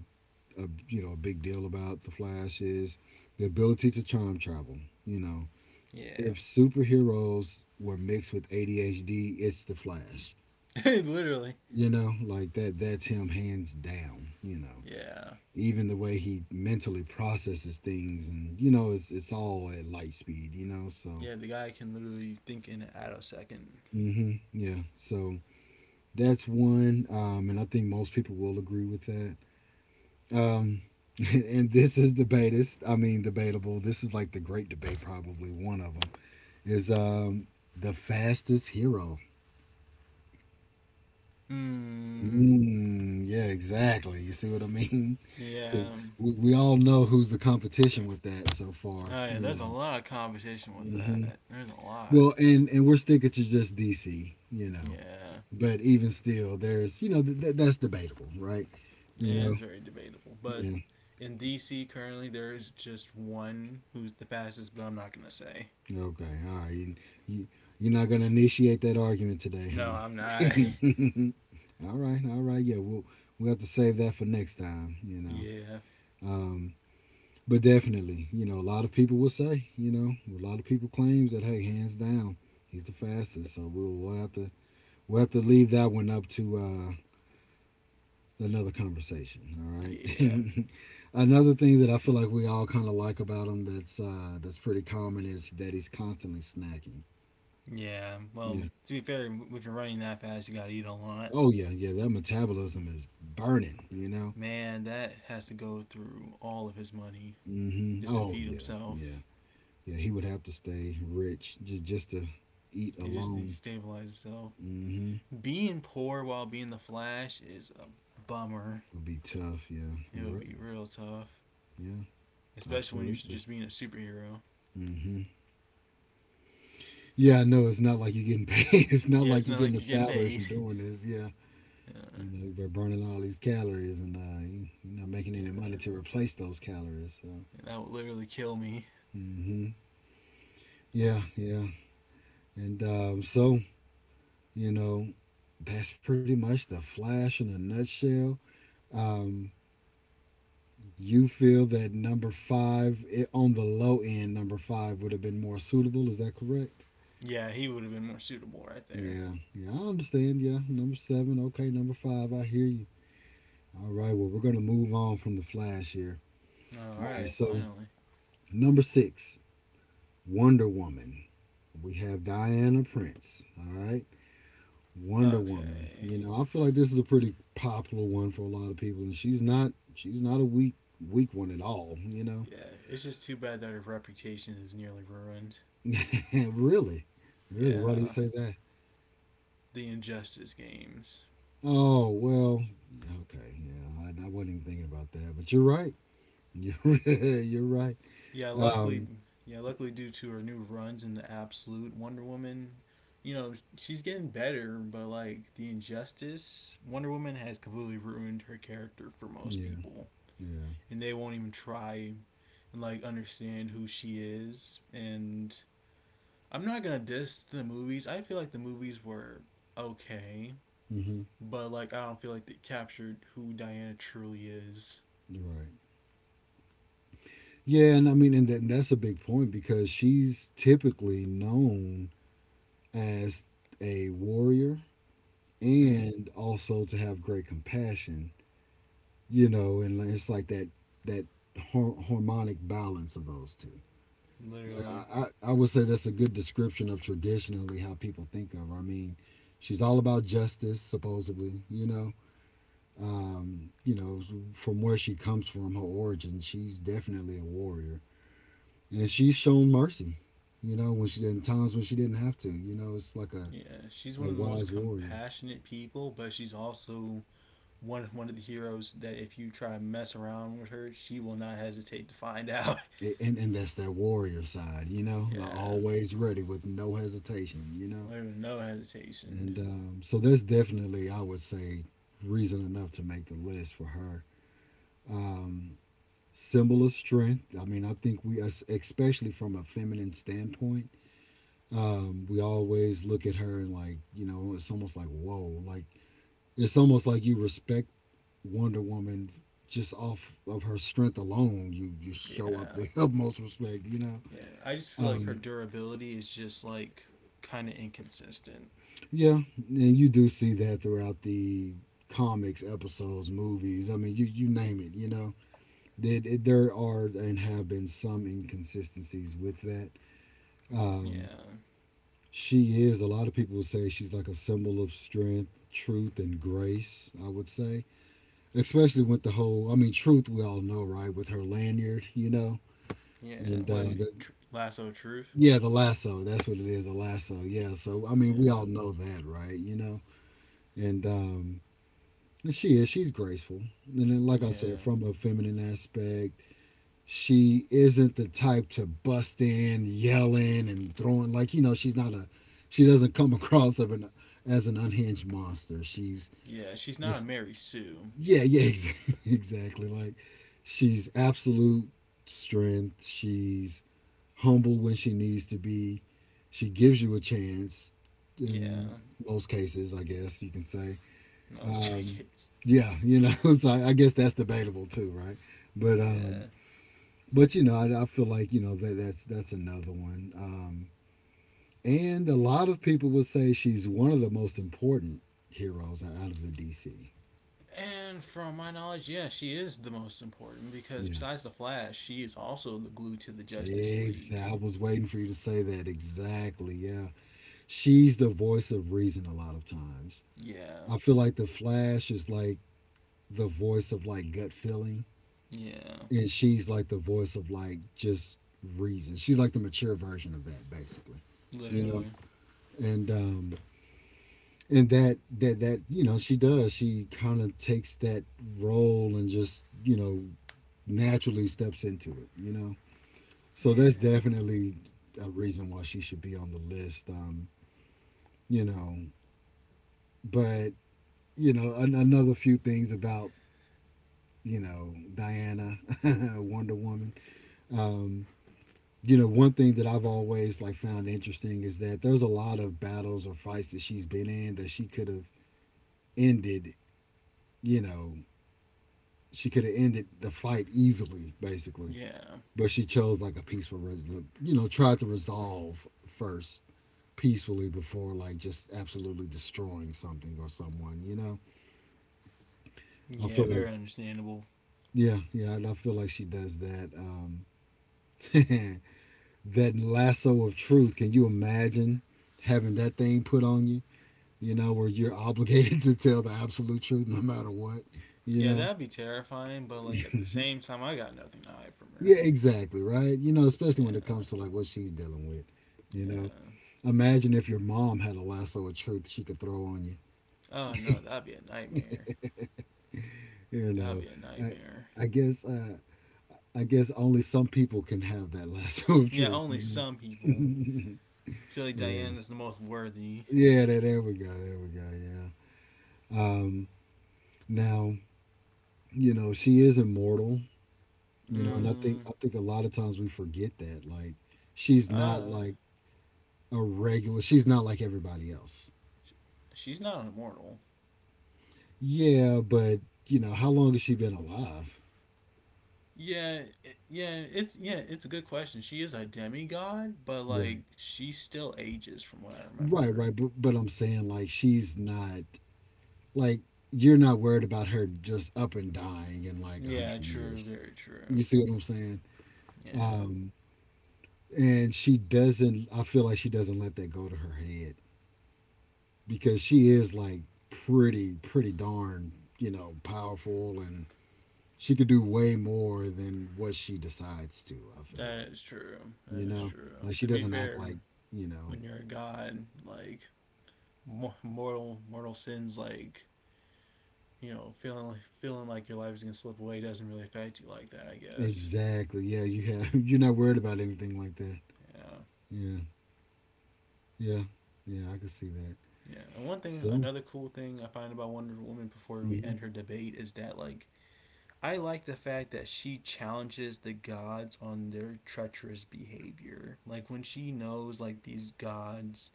Speaker 1: a you know a big deal about the Flash is the ability to time travel. You know,
Speaker 2: Yeah.
Speaker 1: if superheroes were mixed with ADHD, it's the Flash.
Speaker 2: literally.
Speaker 1: You know, like that's him hands down. You know,
Speaker 2: Yeah.
Speaker 1: even the way he mentally processes things, and you know, it's all at light speed. You know, so
Speaker 2: Yeah. The guy can literally think in at a second.
Speaker 1: mm-hmm, yeah, so that's one, and I think most people will agree with that. Um, and this is debatist. I mean, debatable. This is like the great debate, probably one of them is the fastest hero.
Speaker 2: Hmm.
Speaker 1: Mm, yeah, exactly. You see what I mean? Because
Speaker 2: Yeah.
Speaker 1: we all know who's the competition with that so far.
Speaker 2: Oh yeah.
Speaker 1: You
Speaker 2: There's a
Speaker 1: know.
Speaker 2: lot of competition with
Speaker 1: Hmm.
Speaker 2: that. There's a lot.
Speaker 1: Well, and we're sticking to just DC. You know,
Speaker 2: Yeah.
Speaker 1: but even still, there's you know that's debatable, right? You
Speaker 2: Yeah,
Speaker 1: know.
Speaker 2: it's very debatable. But
Speaker 1: Yeah.
Speaker 2: in DC currently, there is just one who's the fastest, but I'm not gonna say.
Speaker 1: Okay, all right. You, you're not going to initiate that argument today,
Speaker 2: No, I'm
Speaker 1: huh?
Speaker 2: not.
Speaker 1: All right, all right. Yeah, we'll have to save that for next time, you know.
Speaker 2: Yeah,
Speaker 1: Um, but definitely, you know, a lot of people will say, you know, a lot of people claims that, hey, hands down, he's the fastest. So we'll have to leave that one up to another conversation, all
Speaker 2: yeah,
Speaker 1: right? Another thing that I feel like we all kind of like about him that's pretty common is that he's constantly snacking.
Speaker 2: yeah. Well,
Speaker 1: Yeah.
Speaker 2: to be fair, if you're running that fast, you gotta eat a lot.
Speaker 1: Oh yeah, yeah. That metabolism is burning. You know.
Speaker 2: Man, that has to go through all of his money
Speaker 1: Hmm.
Speaker 2: just to
Speaker 1: Oh
Speaker 2: feed
Speaker 1: yeah, yeah,
Speaker 2: himself
Speaker 1: yeah. He would have to stay rich just to eat
Speaker 2: and just to
Speaker 1: alone.
Speaker 2: stabilize himself.
Speaker 1: Hmm.
Speaker 2: Being poor while being the Flash is a bummer.
Speaker 1: Would be tough. Yeah,
Speaker 2: It would
Speaker 1: you're
Speaker 2: be
Speaker 1: right.
Speaker 2: real tough,
Speaker 1: Yeah,
Speaker 2: especially when you're
Speaker 1: absolutely.
Speaker 2: just being a superhero.
Speaker 1: Hmm. Yeah, I know. It's not like you're getting paid. It's not
Speaker 2: Yeah, it's
Speaker 1: like you're
Speaker 2: not like
Speaker 1: getting a
Speaker 2: you're getting
Speaker 1: salary
Speaker 2: paid.
Speaker 1: from doing this. Yeah.
Speaker 2: Uh,
Speaker 1: You know, you're burning all these calories and you're not making any money
Speaker 2: Yeah,
Speaker 1: to replace those calories. So,
Speaker 2: yeah, that would literally kill me.
Speaker 1: hmm,
Speaker 2: Oh.
Speaker 1: yeah, yeah. And so, you know, that's pretty much the Flash in a nutshell. Um, you feel that number five, it, on the low end, number five would have been more suitable. Is that correct?
Speaker 2: Yeah, he would have been more suitable right there.
Speaker 1: Yeah, yeah, I understand. Yeah, number seven. Okay, number five. I hear you. All right, well, we're going to move on from the Flash here.
Speaker 2: All
Speaker 1: All right,
Speaker 2: right,
Speaker 1: so
Speaker 2: finally.
Speaker 1: number six, Wonder Woman. We have Diana Prince. All right. Wonder Woman.
Speaker 2: Okay.
Speaker 1: You know, I feel like this is a pretty popular one for a lot of people, and she's not a weak one at all. You know,
Speaker 2: Yeah, it's just too bad that her reputation is nearly ruined.
Speaker 1: really, really. Why do you
Speaker 2: Yeah,
Speaker 1: say that?
Speaker 2: the Injustice games.
Speaker 1: Oh well, yeah, okay, yeah. I wasn't even thinking about that, but you're right. You're right.
Speaker 2: Yeah, luckily,
Speaker 1: Um,
Speaker 2: yeah, luckily due to her new runs in the Absolute Wonder Woman, you know, she's getting better, but like the Injustice, Wonder Woman has completely ruined her character for most
Speaker 1: yeah,
Speaker 2: people.
Speaker 1: yeah.
Speaker 2: And they won't even try and like understand who she is. And I'm not gonna diss the movies. I feel like the movies were okay,
Speaker 1: Hmm.
Speaker 2: but like I don't feel like they captured who Diana truly is.
Speaker 1: You're right. Yeah, and I mean, and, that, and that's a big point because she's typically known as a warrior
Speaker 2: Hmm.
Speaker 1: and also to have great compassion, you know, and like, it's like that harmonic balance of those two. Like I,
Speaker 2: Literally.
Speaker 1: I, I would say that's a good description of traditionally how people think of her. I mean, she's all about justice, supposedly. You know, from where she comes from, her origin, she's definitely a warrior, and she's shown mercy. You know, when she in times when she didn't have to. You know, it's like
Speaker 2: Yeah, she's one
Speaker 1: a
Speaker 2: of the most
Speaker 1: wise warrior.
Speaker 2: compassionate people, but she's also one of the heroes that if you try to mess around with her, she will not hesitate to find out.
Speaker 1: And that's that warrior side, you know, like
Speaker 2: yeah,
Speaker 1: always ready with no hesitation, you know.
Speaker 2: literally no hesitation.
Speaker 1: And so that's definitely, I would say, reason enough to make the list for her. Um, symbol of strength. I mean, I think we, especially from a feminine standpoint, we always look at her and like, you know, it's almost like, whoa, like it's almost like you respect Wonder Woman just off of her strength alone. You show up
Speaker 2: Yeah.
Speaker 1: the utmost respect, you know.
Speaker 2: Yeah, I just feel like her
Speaker 1: Um,
Speaker 2: durability is just like kind of inconsistent.
Speaker 1: Yeah, and you do see that throughout the comics, episodes, movies. I mean, you name it. You know, that there are and have been some inconsistencies with that.
Speaker 2: Yeah,
Speaker 1: Um, she is. A lot of people say she's like a symbol of strength, truth, and grace. I would say, especially with the whole. I mean, truth we all know, right? With her lanyard, you know.
Speaker 2: yeah.
Speaker 1: And
Speaker 2: What tr- Lasso Truth?
Speaker 1: yeah, the lasso. That's what it is, a lasso. Yeah. So I mean, we
Speaker 2: Yeah,
Speaker 1: all know that, right? You know, and and she is. She's graceful. And then, like I
Speaker 2: yeah,
Speaker 1: said, from a feminine aspect, she isn't the type to bust in, yelling, and throwing. Like, you know, she's not a, she doesn't come across of an, as an unhinged monster. She's
Speaker 2: yeah. She's not a
Speaker 1: just,
Speaker 2: Mary Sue.
Speaker 1: yeah, yeah, exactly. Exactly. Like, she's absolute strength. She's humble when she needs to be. She gives you a chance
Speaker 2: Yeah,
Speaker 1: in most cases, I guess you can say
Speaker 2: no, it's
Speaker 1: um,
Speaker 2: JK's.
Speaker 1: yeah, you know, so I guess that's debatable too, right? But
Speaker 2: Yeah,
Speaker 1: um, but you know, I feel like you know that's another one. And a lot of people would say she's one of the most important heroes out of the DC.
Speaker 2: and from my knowledge, yeah, she is the most important because
Speaker 1: Yeah.
Speaker 2: besides the Flash, she is also the glue to the Justice
Speaker 1: Exactly.
Speaker 2: League.
Speaker 1: I was waiting for you to say that. Exactly. Yeah. She's the voice of reason a lot of times.
Speaker 2: Yeah,
Speaker 1: I feel like the Flash is like the voice of like gut feeling.
Speaker 2: yeah,
Speaker 1: And she's like the voice of like just reason. She's like the mature version of that, basically. You
Speaker 2: literally.
Speaker 1: know, and um, and that you know she does. She kind of takes that role and just you know naturally steps into it. You know, so that's
Speaker 2: Yeah,
Speaker 1: definitely a reason why she should be on the list. You know, but another few things about Diana, Wonder Woman. Um, one thing that I've always like found interesting is that there's a lot of battles or fights that she's been in that she could have ended, you know, she could have ended the fight easily, basically.
Speaker 2: yeah,
Speaker 1: But she chose like a peaceful, tried to resolve first peacefully before like just absolutely destroying something or someone, you know? I
Speaker 2: yeah.
Speaker 1: feel
Speaker 2: Very
Speaker 1: like,
Speaker 2: understandable.
Speaker 1: yeah, yeah, and I feel like she does that. That lasso of truth, can you imagine having that thing put on you? Where you're obligated to tell the absolute truth no matter what, you
Speaker 2: Yeah,
Speaker 1: know?
Speaker 2: that'd be terrifying, but like at the same time, I got nothing to hide from her.
Speaker 1: Yeah, exactly, right? Especially when it
Speaker 2: Yeah,
Speaker 1: comes to like what she's dealing with, you know?
Speaker 2: yeah.
Speaker 1: Imagine if your mom had a lasso of truth she could throw on you,
Speaker 2: Oh no, that'd be a nightmare.
Speaker 1: you
Speaker 2: That'd
Speaker 1: know?
Speaker 2: be a
Speaker 1: I,
Speaker 2: nightmare.
Speaker 1: I guess, uh, I guess only some people can have that lasso of
Speaker 2: Yeah,
Speaker 1: truth,
Speaker 2: only
Speaker 1: you
Speaker 2: some people
Speaker 1: know?
Speaker 2: I feel like
Speaker 1: Yeah,
Speaker 2: Diane is the most worthy.
Speaker 1: yeah. There we go. There we go. Yeah. Now she is immortal. And i
Speaker 2: Mm,
Speaker 1: think i think a lot of times we forget that, like, she's not
Speaker 2: uh,
Speaker 1: like a regular, she's not like everybody else.
Speaker 2: sh- she's not an immortal.
Speaker 1: Yeah, but how long has she been alive?
Speaker 2: Yeah, it's a good question. She is a demigod, but
Speaker 1: Right.
Speaker 2: like she still ages from what I remember.
Speaker 1: Right but, I'm saying, like, she's not, like, you're not worried about her just up and dying in like 100
Speaker 2: Yeah,
Speaker 1: years.
Speaker 2: true, very true.
Speaker 1: You see what I'm saying?
Speaker 2: Yeah,
Speaker 1: um and she doesn't I feel like she doesn't let that go to her head, because she is like pretty darn, powerful, and she could do way more than what she decides to. I feel
Speaker 2: that
Speaker 1: like,
Speaker 2: is true.
Speaker 1: you
Speaker 2: That is
Speaker 1: know,
Speaker 2: true.
Speaker 1: like she
Speaker 2: To be
Speaker 1: doesn't act
Speaker 2: fair,
Speaker 1: like, you know,
Speaker 2: when you're a god, like mortal sins, like you know, feeling like your life is gonna slip away doesn't really affect you like that, I guess.
Speaker 1: exactly. Yeah, you have you're not worried about anything like that.
Speaker 2: Yeah,
Speaker 1: Yeah, yeah, yeah. I can see that.
Speaker 2: yeah. And one thing,
Speaker 1: So,
Speaker 2: another cool thing I find about Wonder Woman before we
Speaker 1: hmm.
Speaker 2: end her debate is that like I like the fact that she challenges the gods on their treacherous behavior. Like when she knows like these gods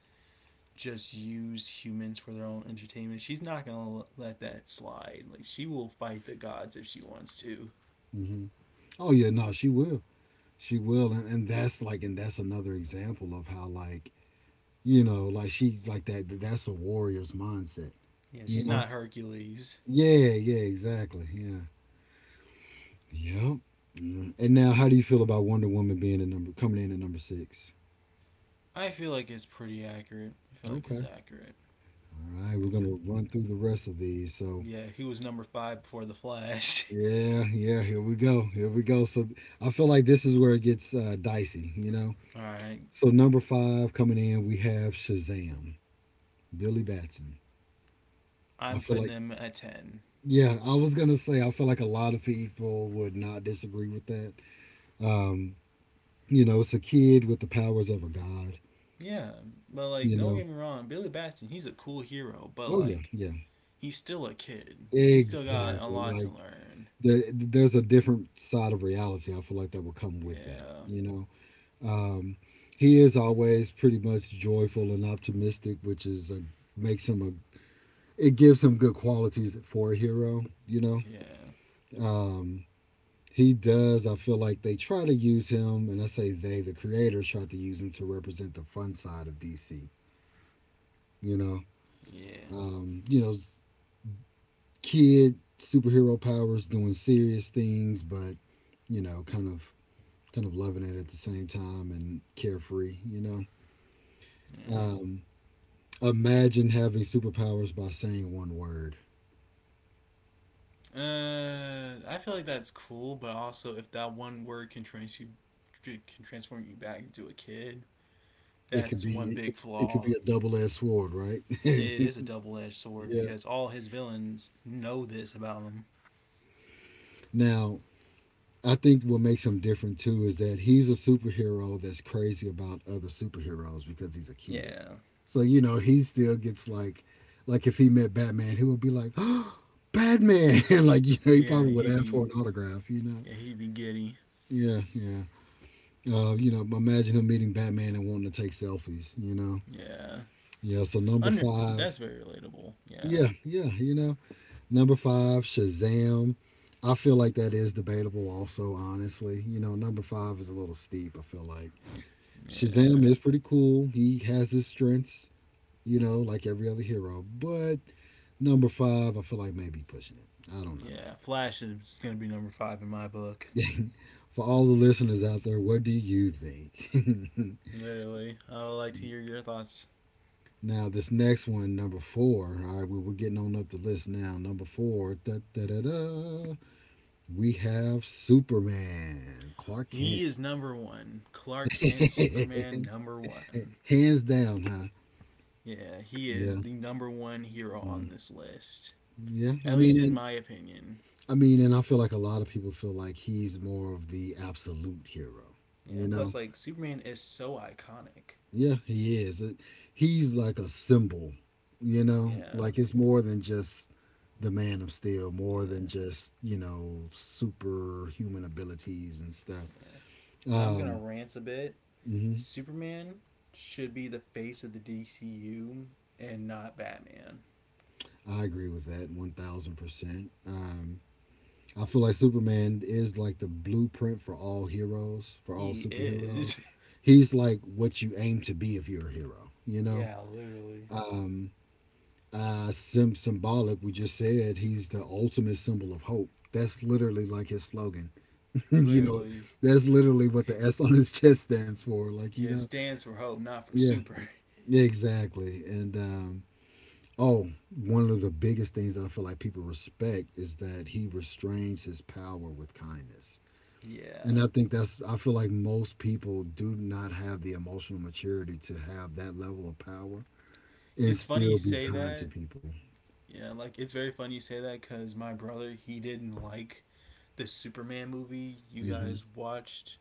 Speaker 2: just use humans for their own entertainment, she's not gonna let that slide. Like she will fight the gods if she wants to.
Speaker 1: Hmm. Oh yeah, no, she will, and that's like, and that's another example of how like, you know, like she like that. That's a warrior's mindset.
Speaker 2: Yeah,
Speaker 1: You
Speaker 2: she's
Speaker 1: know.
Speaker 2: not Hercules.
Speaker 1: Yeah, yeah, exactly. Yeah. Yep. Mm. And now, how do you feel about Wonder Woman being a number coming in at number six?
Speaker 2: I feel like it's pretty accurate. I feel like it's
Speaker 1: Okay.
Speaker 2: accurate.
Speaker 1: All right. We're gonna run through the rest of these. So
Speaker 2: Yeah, he was number five before the Flash.
Speaker 1: yeah, yeah. Here we go. Here we go. So I feel like this is where it gets dicey. You know.
Speaker 2: All right,
Speaker 1: So number five coming in, we have Shazam, Billy Batson. I
Speaker 2: I'm
Speaker 1: feel
Speaker 2: putting
Speaker 1: like,
Speaker 2: him at ten.
Speaker 1: yeah. I was gonna say I feel like a lot of people would not disagree with that. Um, you know, it's a kid with the powers of a god.
Speaker 2: Yeah, but like,
Speaker 1: You
Speaker 2: don't
Speaker 1: know.
Speaker 2: get me wrong, Billy Batson, he's a cool hero, but
Speaker 1: Oh yeah,
Speaker 2: like,
Speaker 1: yeah.
Speaker 2: he's still a kid. He's still got a
Speaker 1: Exactly.
Speaker 2: lot to
Speaker 1: Like,
Speaker 2: learn.
Speaker 1: there's a different side of reality. I feel like that will come with that.
Speaker 2: Yeah,
Speaker 1: You know, he is always pretty much joyful and optimistic, which is a, makes him a, it gives him good qualities for a hero. You know,
Speaker 2: yeah,
Speaker 1: he does. I feel like they try to use him, and I say they, the creators, try to use him to represent the fun side of DC. You know,
Speaker 2: yeah,
Speaker 1: um, you know, kid superhero powers doing serious things, but you know, kind of loving it at the same time and carefree, you know.
Speaker 2: yeah.
Speaker 1: Um, Imagine having superpowers by saying one word.
Speaker 2: I feel like that's cool, but also if that one word can can transform you back into a kid, that's one big
Speaker 1: It
Speaker 2: flaw.
Speaker 1: could be a double-edged sword, right?
Speaker 2: It is a
Speaker 1: Yeah.
Speaker 2: double edged sword because all his villains know this about him.
Speaker 1: Now, I think what makes him different too is that he's a superhero that's crazy about other superheroes because he's a kid.
Speaker 2: Yeah.
Speaker 1: So, you know, he still gets like if he met Batman, he would be like, "Batman!" like, you know, he
Speaker 2: Yeah,
Speaker 1: probably would
Speaker 2: he
Speaker 1: ask
Speaker 2: be
Speaker 1: for an autograph, you know.
Speaker 2: yeah, he be giddy.
Speaker 1: Yeah, yeah. You know, imagine him meeting Batman and wanting to take selfies, you know?
Speaker 2: Yeah.
Speaker 1: Yeah, so number
Speaker 2: Under that's
Speaker 1: five.
Speaker 2: very relatable. Yeah.
Speaker 1: Yeah, yeah, you know. Number five, Shazam. I feel like that is debatable also, honestly. You know, number five is a little steep, I feel like. Shazam
Speaker 2: Yeah.
Speaker 1: is pretty cool. He has his strengths, you know, like every other hero. But number five, I feel like maybe pushing it. I don't know.
Speaker 2: Yeah. Flash is gonna be number five in my book.
Speaker 1: For all the listeners out there, what do you think?
Speaker 2: Literally. I would like to hear your thoughts.
Speaker 1: Now this next one, number four. All right, we're getting on up the list now. Number four, da da da da. We have Superman, Clark
Speaker 2: He
Speaker 1: Kent.
Speaker 2: is number one. Clark Kent Superman number one.
Speaker 1: Hands down, huh?
Speaker 2: Yeah, he is
Speaker 1: Yeah,
Speaker 2: the number one hero on
Speaker 1: mm,
Speaker 2: this list.
Speaker 1: yeah.
Speaker 2: At least in my opinion.
Speaker 1: I mean, and I feel like a lot of people feel like he's more of the absolute hero.
Speaker 2: Yeah,
Speaker 1: You know.
Speaker 2: plus like Superman is so iconic.
Speaker 1: Yeah, he is. It- He's like a symbol, you know?
Speaker 2: Yeah.
Speaker 1: Like it's more than just the man of steel, more than
Speaker 2: Yeah,
Speaker 1: just, you know, superhuman abilities and stuff.
Speaker 2: yeah. And I'm gonna
Speaker 1: Um,
Speaker 2: rant a bit.
Speaker 1: hmm.
Speaker 2: Superman should be the face of the DCU and not Batman.
Speaker 1: I agree with that 1000%. I feel like Superman is like the blueprint for all heroes, for all
Speaker 2: He
Speaker 1: superheroes.
Speaker 2: is.
Speaker 1: He's like what you aim to be if you're a hero, you
Speaker 2: yeah,
Speaker 1: know?
Speaker 2: literally.
Speaker 1: Um, symbolic. We just said he's the ultimate symbol of hope. That's literally like his slogan. You know,
Speaker 2: Literally.
Speaker 1: that's literally what the S on his chest stands for. Like, you
Speaker 2: Yeah, it
Speaker 1: know,
Speaker 2: stands for hope, not for
Speaker 1: yeah,
Speaker 2: super.
Speaker 1: yeah, exactly. And oh, one of the biggest things that I feel like people respect is that he restrains his power with kindness.
Speaker 2: yeah.
Speaker 1: And I think that's, I feel like most people do not have the emotional maturity to have that level of power and
Speaker 2: It's funny you
Speaker 1: still be
Speaker 2: say
Speaker 1: kind to
Speaker 2: that.
Speaker 1: people.
Speaker 2: Yeah, like it's very funny you say that because my brother, he didn't like the Superman movie you
Speaker 1: Hmm.
Speaker 2: guys watched.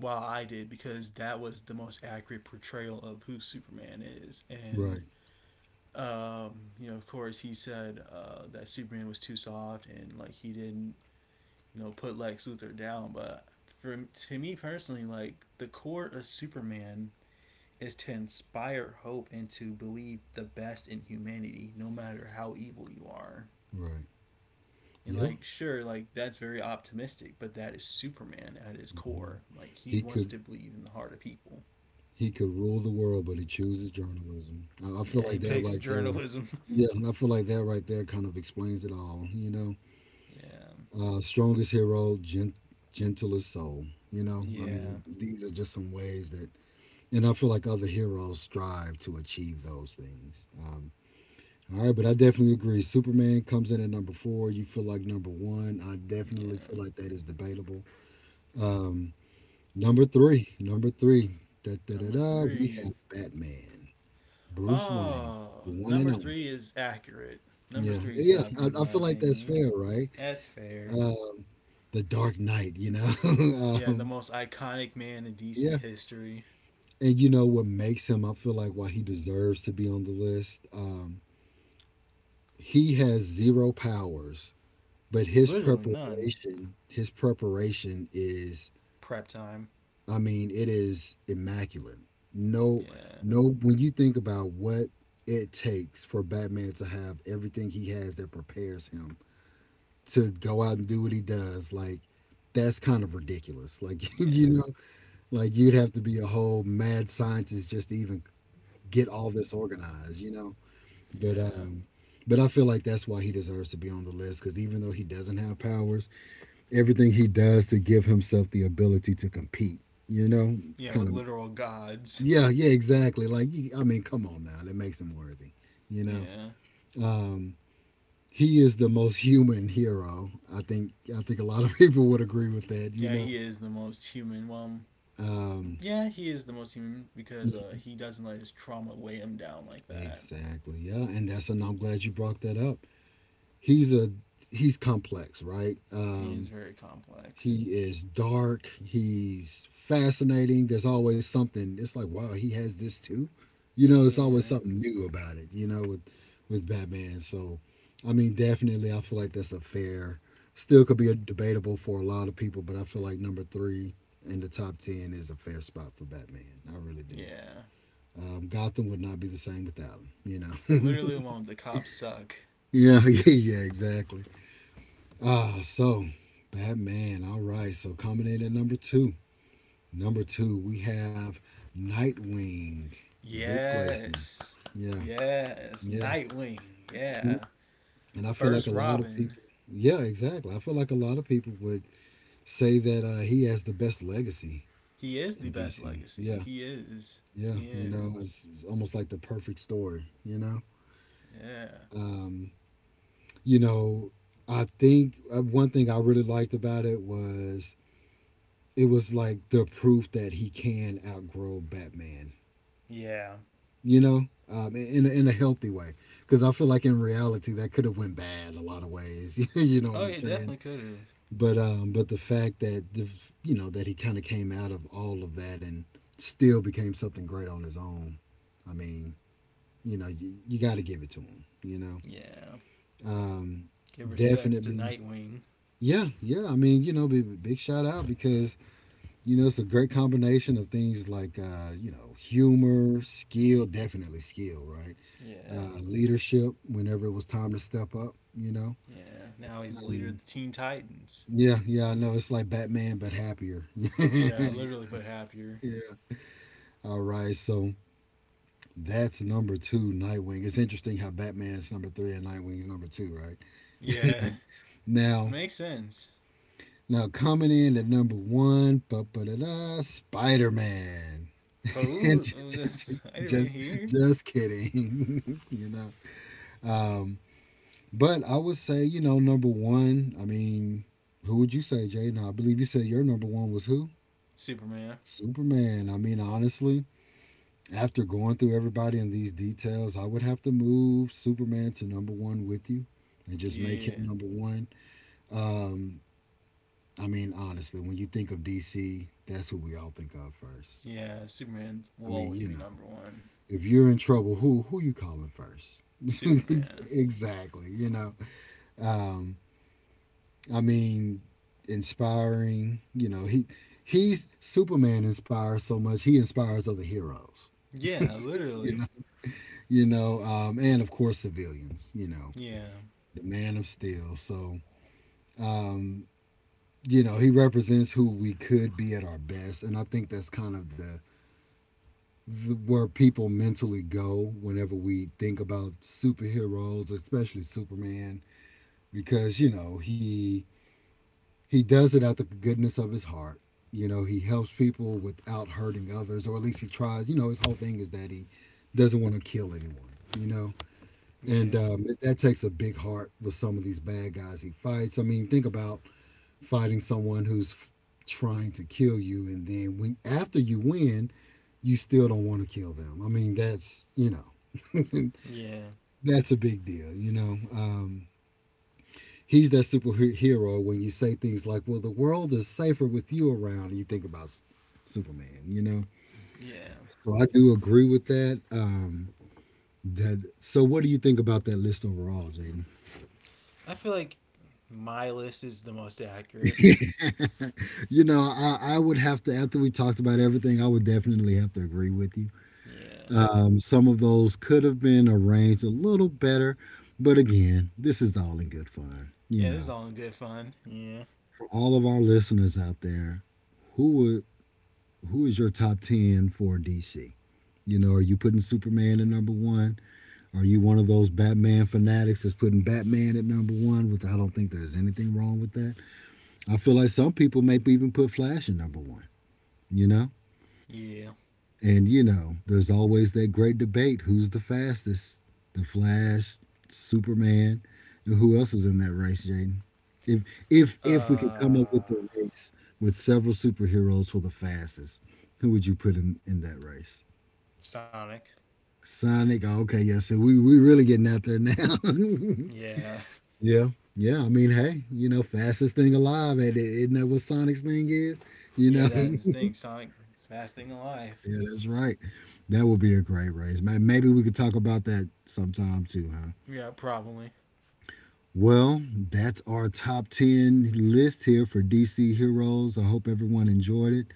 Speaker 2: Well, I did because that was the most accurate portrayal of who Superman is.
Speaker 1: Right,
Speaker 2: And you know, of course, he said that Superman was too soft and like he didn't, you know, put Lex Luthor down. But for to me personally, like the core of Superman is to inspire hope and to believe the best in humanity, no matter how evil you are.
Speaker 1: right.
Speaker 2: And
Speaker 1: Yeah.
Speaker 2: like, sure, like that's very optimistic, but that is Superman at his
Speaker 1: Mhm.
Speaker 2: core. Like he
Speaker 1: He
Speaker 2: wants
Speaker 1: could
Speaker 2: to believe in the heart of people.
Speaker 1: he could rule the world, but he chooses journalism. I feel
Speaker 2: Yeah, he
Speaker 1: like that
Speaker 2: picks
Speaker 1: right there.
Speaker 2: journalism.
Speaker 1: Yeah, I feel like that right there kind of explains it all. You know,
Speaker 2: yeah,
Speaker 1: strongest hero, gentlest soul. You know, I
Speaker 2: yeah,
Speaker 1: mean, these are just some ways that, and I feel like other heroes strive to achieve those things. All right, but I definitely agree. Superman comes in at number four. You feel like number one. I definitely feel
Speaker 2: yeah.
Speaker 1: like that is debatable. Um, number three, da da da
Speaker 2: Number
Speaker 1: da. We have
Speaker 2: three.
Speaker 1: Batman, Bruce Wayne,
Speaker 2: Oh,
Speaker 1: the
Speaker 2: number
Speaker 1: one and
Speaker 2: three
Speaker 1: only.
Speaker 2: is accurate. Number
Speaker 1: Yeah,
Speaker 2: three is
Speaker 1: yeah.
Speaker 2: accurate, in
Speaker 1: I
Speaker 2: my
Speaker 1: feel like that's
Speaker 2: opinion.
Speaker 1: fair, right?
Speaker 2: That's fair.
Speaker 1: Uh, the Dark Knight, you know.
Speaker 2: Yeah, the
Speaker 1: um,
Speaker 2: most iconic man in DC
Speaker 1: yeah,
Speaker 2: history.
Speaker 1: and you know what makes him? I feel like why he deserves to be on the list. He has zero powers, but
Speaker 2: Literally none.
Speaker 1: his preparation is,
Speaker 2: Prep time.
Speaker 1: I mean, it is immaculate. No,
Speaker 2: Yeah,
Speaker 1: no. When you think about what it takes for Batman to have everything he has that prepares him to go out and do what he does, like that's kind of ridiculous. Like you
Speaker 2: yeah,
Speaker 1: know, like you'd have to be a whole mad scientist just to even get all this organized. You know, but
Speaker 2: yeah.
Speaker 1: um, but I feel like that's why he deserves to be on the list because even though he doesn't have powers, everything he does to give himself the ability to compete, you know,
Speaker 2: Yeah,
Speaker 1: kind
Speaker 2: with
Speaker 1: of.
Speaker 2: literal gods.
Speaker 1: Yeah, yeah, exactly. Like, I mean, come on now, that makes him worthy. You know,
Speaker 2: Yeah.
Speaker 1: um, he is the most human hero. I think. I think a lot of people would agree with that. You
Speaker 2: Yeah,
Speaker 1: know,
Speaker 2: he is the most human.
Speaker 1: um,
Speaker 2: Yeah, he is the most human because he doesn't let his trauma weigh him down like that.
Speaker 1: exactly. Yeah, and that's, and I'm glad you brought that up. He's a he's complex, right?
Speaker 2: He is very complex.
Speaker 1: He is dark. He's fascinating. There's always something. It's like, wow, he has this too. You know, it's always
Speaker 2: Yeah,
Speaker 1: something new about it. You know, with Batman. So, I mean, definitely, I feel like that's a fair. Still, could be a debatable for a lot of people, but I feel like number three in the top ten is a fair spot for Batman. I really do.
Speaker 2: yeah.
Speaker 1: Gotham would not be the same without him. You know.
Speaker 2: Literally,
Speaker 1: Yeah.
Speaker 2: the one with the cops suck.
Speaker 1: Yeah. Yeah. Exactly. Ah. So, Batman. All right. So coming in at number two. Number two, we have Nightwing, Dick Grayson.
Speaker 2: Yes.
Speaker 1: Yeah,
Speaker 2: Yes.
Speaker 1: yeah.
Speaker 2: Nightwing.
Speaker 1: Mhm.
Speaker 2: Yeah.
Speaker 1: And
Speaker 2: The
Speaker 1: I feel like
Speaker 2: first
Speaker 1: a lot of
Speaker 2: Robin.
Speaker 1: people, yeah, exactly. I feel like a lot of people would say that he has the best legacy
Speaker 2: He is the
Speaker 1: in
Speaker 2: best
Speaker 1: DC.
Speaker 2: legacy.
Speaker 1: Yeah,
Speaker 2: He is.
Speaker 1: yeah.
Speaker 2: He
Speaker 1: You know,
Speaker 2: is.
Speaker 1: it's almost like the perfect story, you know?
Speaker 2: Yeah.
Speaker 1: Um, you know, I think one thing I really liked about it was like the proof that he can outgrow Batman,
Speaker 2: Yeah.
Speaker 1: you know, in a healthy way. Because I feel like in reality that could have went bad a lot of ways. You know
Speaker 2: Oh,
Speaker 1: what
Speaker 2: yeah,
Speaker 1: I'm
Speaker 2: definitely
Speaker 1: saying?
Speaker 2: could have.
Speaker 1: But the fact that you know, that he kind of came out of all of that and still became something great on his own. I mean, you know, you got to give it to him. You know,
Speaker 2: Yeah.
Speaker 1: um,
Speaker 2: Give respects to
Speaker 1: definitely.
Speaker 2: Nightwing.
Speaker 1: Yeah, yeah. I mean, you know, big shout out because you know it's a great combination of things like you know humor, skill, definitely skill, right?
Speaker 2: Yeah.
Speaker 1: Leadership whenever it was time to step up, you know?
Speaker 2: Yeah. Now he's the leader of the
Speaker 1: Um,
Speaker 2: Teen Titans.
Speaker 1: yeah, yeah, I know. It's like Batman, but happier. Yeah.
Speaker 2: Yeah, literally put happier.
Speaker 1: All right, so that's number two, Nightwing. It's interesting how Batman's number three and Nightwing's number two, right?
Speaker 2: Yeah. It
Speaker 1: Now,
Speaker 2: makes sense.
Speaker 1: now coming in at number one, ba-ba-da-da, Spider-Man.
Speaker 2: Oh, Spider Man
Speaker 1: just,
Speaker 2: here?
Speaker 1: just kidding, you know. Um, But I would say, you know, number one, I mean, who would you say, Jay? Now, I believe you said your number one was who?
Speaker 2: Superman.
Speaker 1: Superman. I mean, honestly, after going through everybody in these details, I would have to move Superman to number one with you and just make
Speaker 2: Yeah.
Speaker 1: him number one. Um, I mean, honestly, when you think of DC, that's who we all think of first.
Speaker 2: Yeah, Superman
Speaker 1: I
Speaker 2: will
Speaker 1: mean,
Speaker 2: always
Speaker 1: you
Speaker 2: be
Speaker 1: know,
Speaker 2: number one.
Speaker 1: if you're in trouble, who you calling first?
Speaker 2: Superman.
Speaker 1: Exactly, you know. Um, I mean, inspiring. You know, he's Superman inspires so much. He inspires other heroes.
Speaker 2: Yeah,
Speaker 1: You know,
Speaker 2: literally.
Speaker 1: and of course civilians. You know,
Speaker 2: Yeah,
Speaker 1: the Man of Steel. So, um, you know, he represents who we could be at our best, and I think that's kind of the where people mentally go whenever we think about superheroes, especially Superman, because you know he does it out the goodness of his heart. You know, he helps people without hurting others, or at least he tries. You know, his whole thing is that he doesn't want to kill anyone. You know, and
Speaker 2: yeah.
Speaker 1: that takes a big heart with some of these bad guys he fights. I mean, think about fighting someone who's trying to kill you, and then when after you win, you still don't want to kill them. I mean,
Speaker 2: Yeah.
Speaker 1: that's a big deal. He's that superhero when you say things like, "Well, the world is safer with you around." And you think about Superman, you know.
Speaker 2: Yeah.
Speaker 1: So I do agree with that. So, what do you think about that list overall, Jaden?
Speaker 2: I feel like my list is the most accurate.
Speaker 1: You know, I would have to after we talked about everything, I would definitely have to agree with you.
Speaker 2: Yeah.
Speaker 1: Some of those could have been arranged a little better, but again, this is all in good fun. You
Speaker 2: Yeah, this
Speaker 1: know,
Speaker 2: is all in good fun. Yeah.
Speaker 1: for all of our listeners out there, who would who is your top ten for DC? You know, are you putting Superman at number one? Are you one of those Batman fanatics that's putting Batman at number one? Which I don't think there's anything wrong with that. I feel like some people may even put Flash at number one, you know?
Speaker 2: Yeah.
Speaker 1: And, you know, there's always that great debate who's the fastest? The Flash, Superman, and who else is in that race, Jaden? If if we could come
Speaker 2: Uh
Speaker 1: up with a race with several superheroes for the fastest, who would you put in that race?
Speaker 2: Sonic.
Speaker 1: Sonic. Oh, okay, yeah. So we really getting out there now.
Speaker 2: Yeah.
Speaker 1: Yeah, yeah. I mean, hey, you know, fastest thing alive, and it, isn't that what Sonic's thing is? You
Speaker 2: Yeah,
Speaker 1: know,
Speaker 2: that is the thing. Sonic is fast thing alive.
Speaker 1: yeah, that's right. That would be a great race. Maybe we could talk about that sometime too, huh?
Speaker 2: Yeah, probably.
Speaker 1: Well, that's our top 10 list here for DC Heroes. I hope everyone enjoyed it.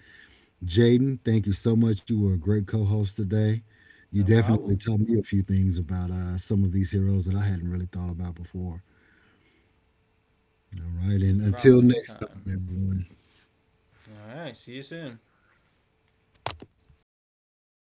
Speaker 1: Jaden, thank you so much. You were a great co host today. You
Speaker 2: No
Speaker 1: definitely
Speaker 2: problem.
Speaker 1: taught me a few things about some of these heroes that I hadn't really thought about before. All right.
Speaker 2: No
Speaker 1: And until
Speaker 2: problem
Speaker 1: next
Speaker 2: anytime.
Speaker 1: time, everyone.
Speaker 2: All right, see you soon.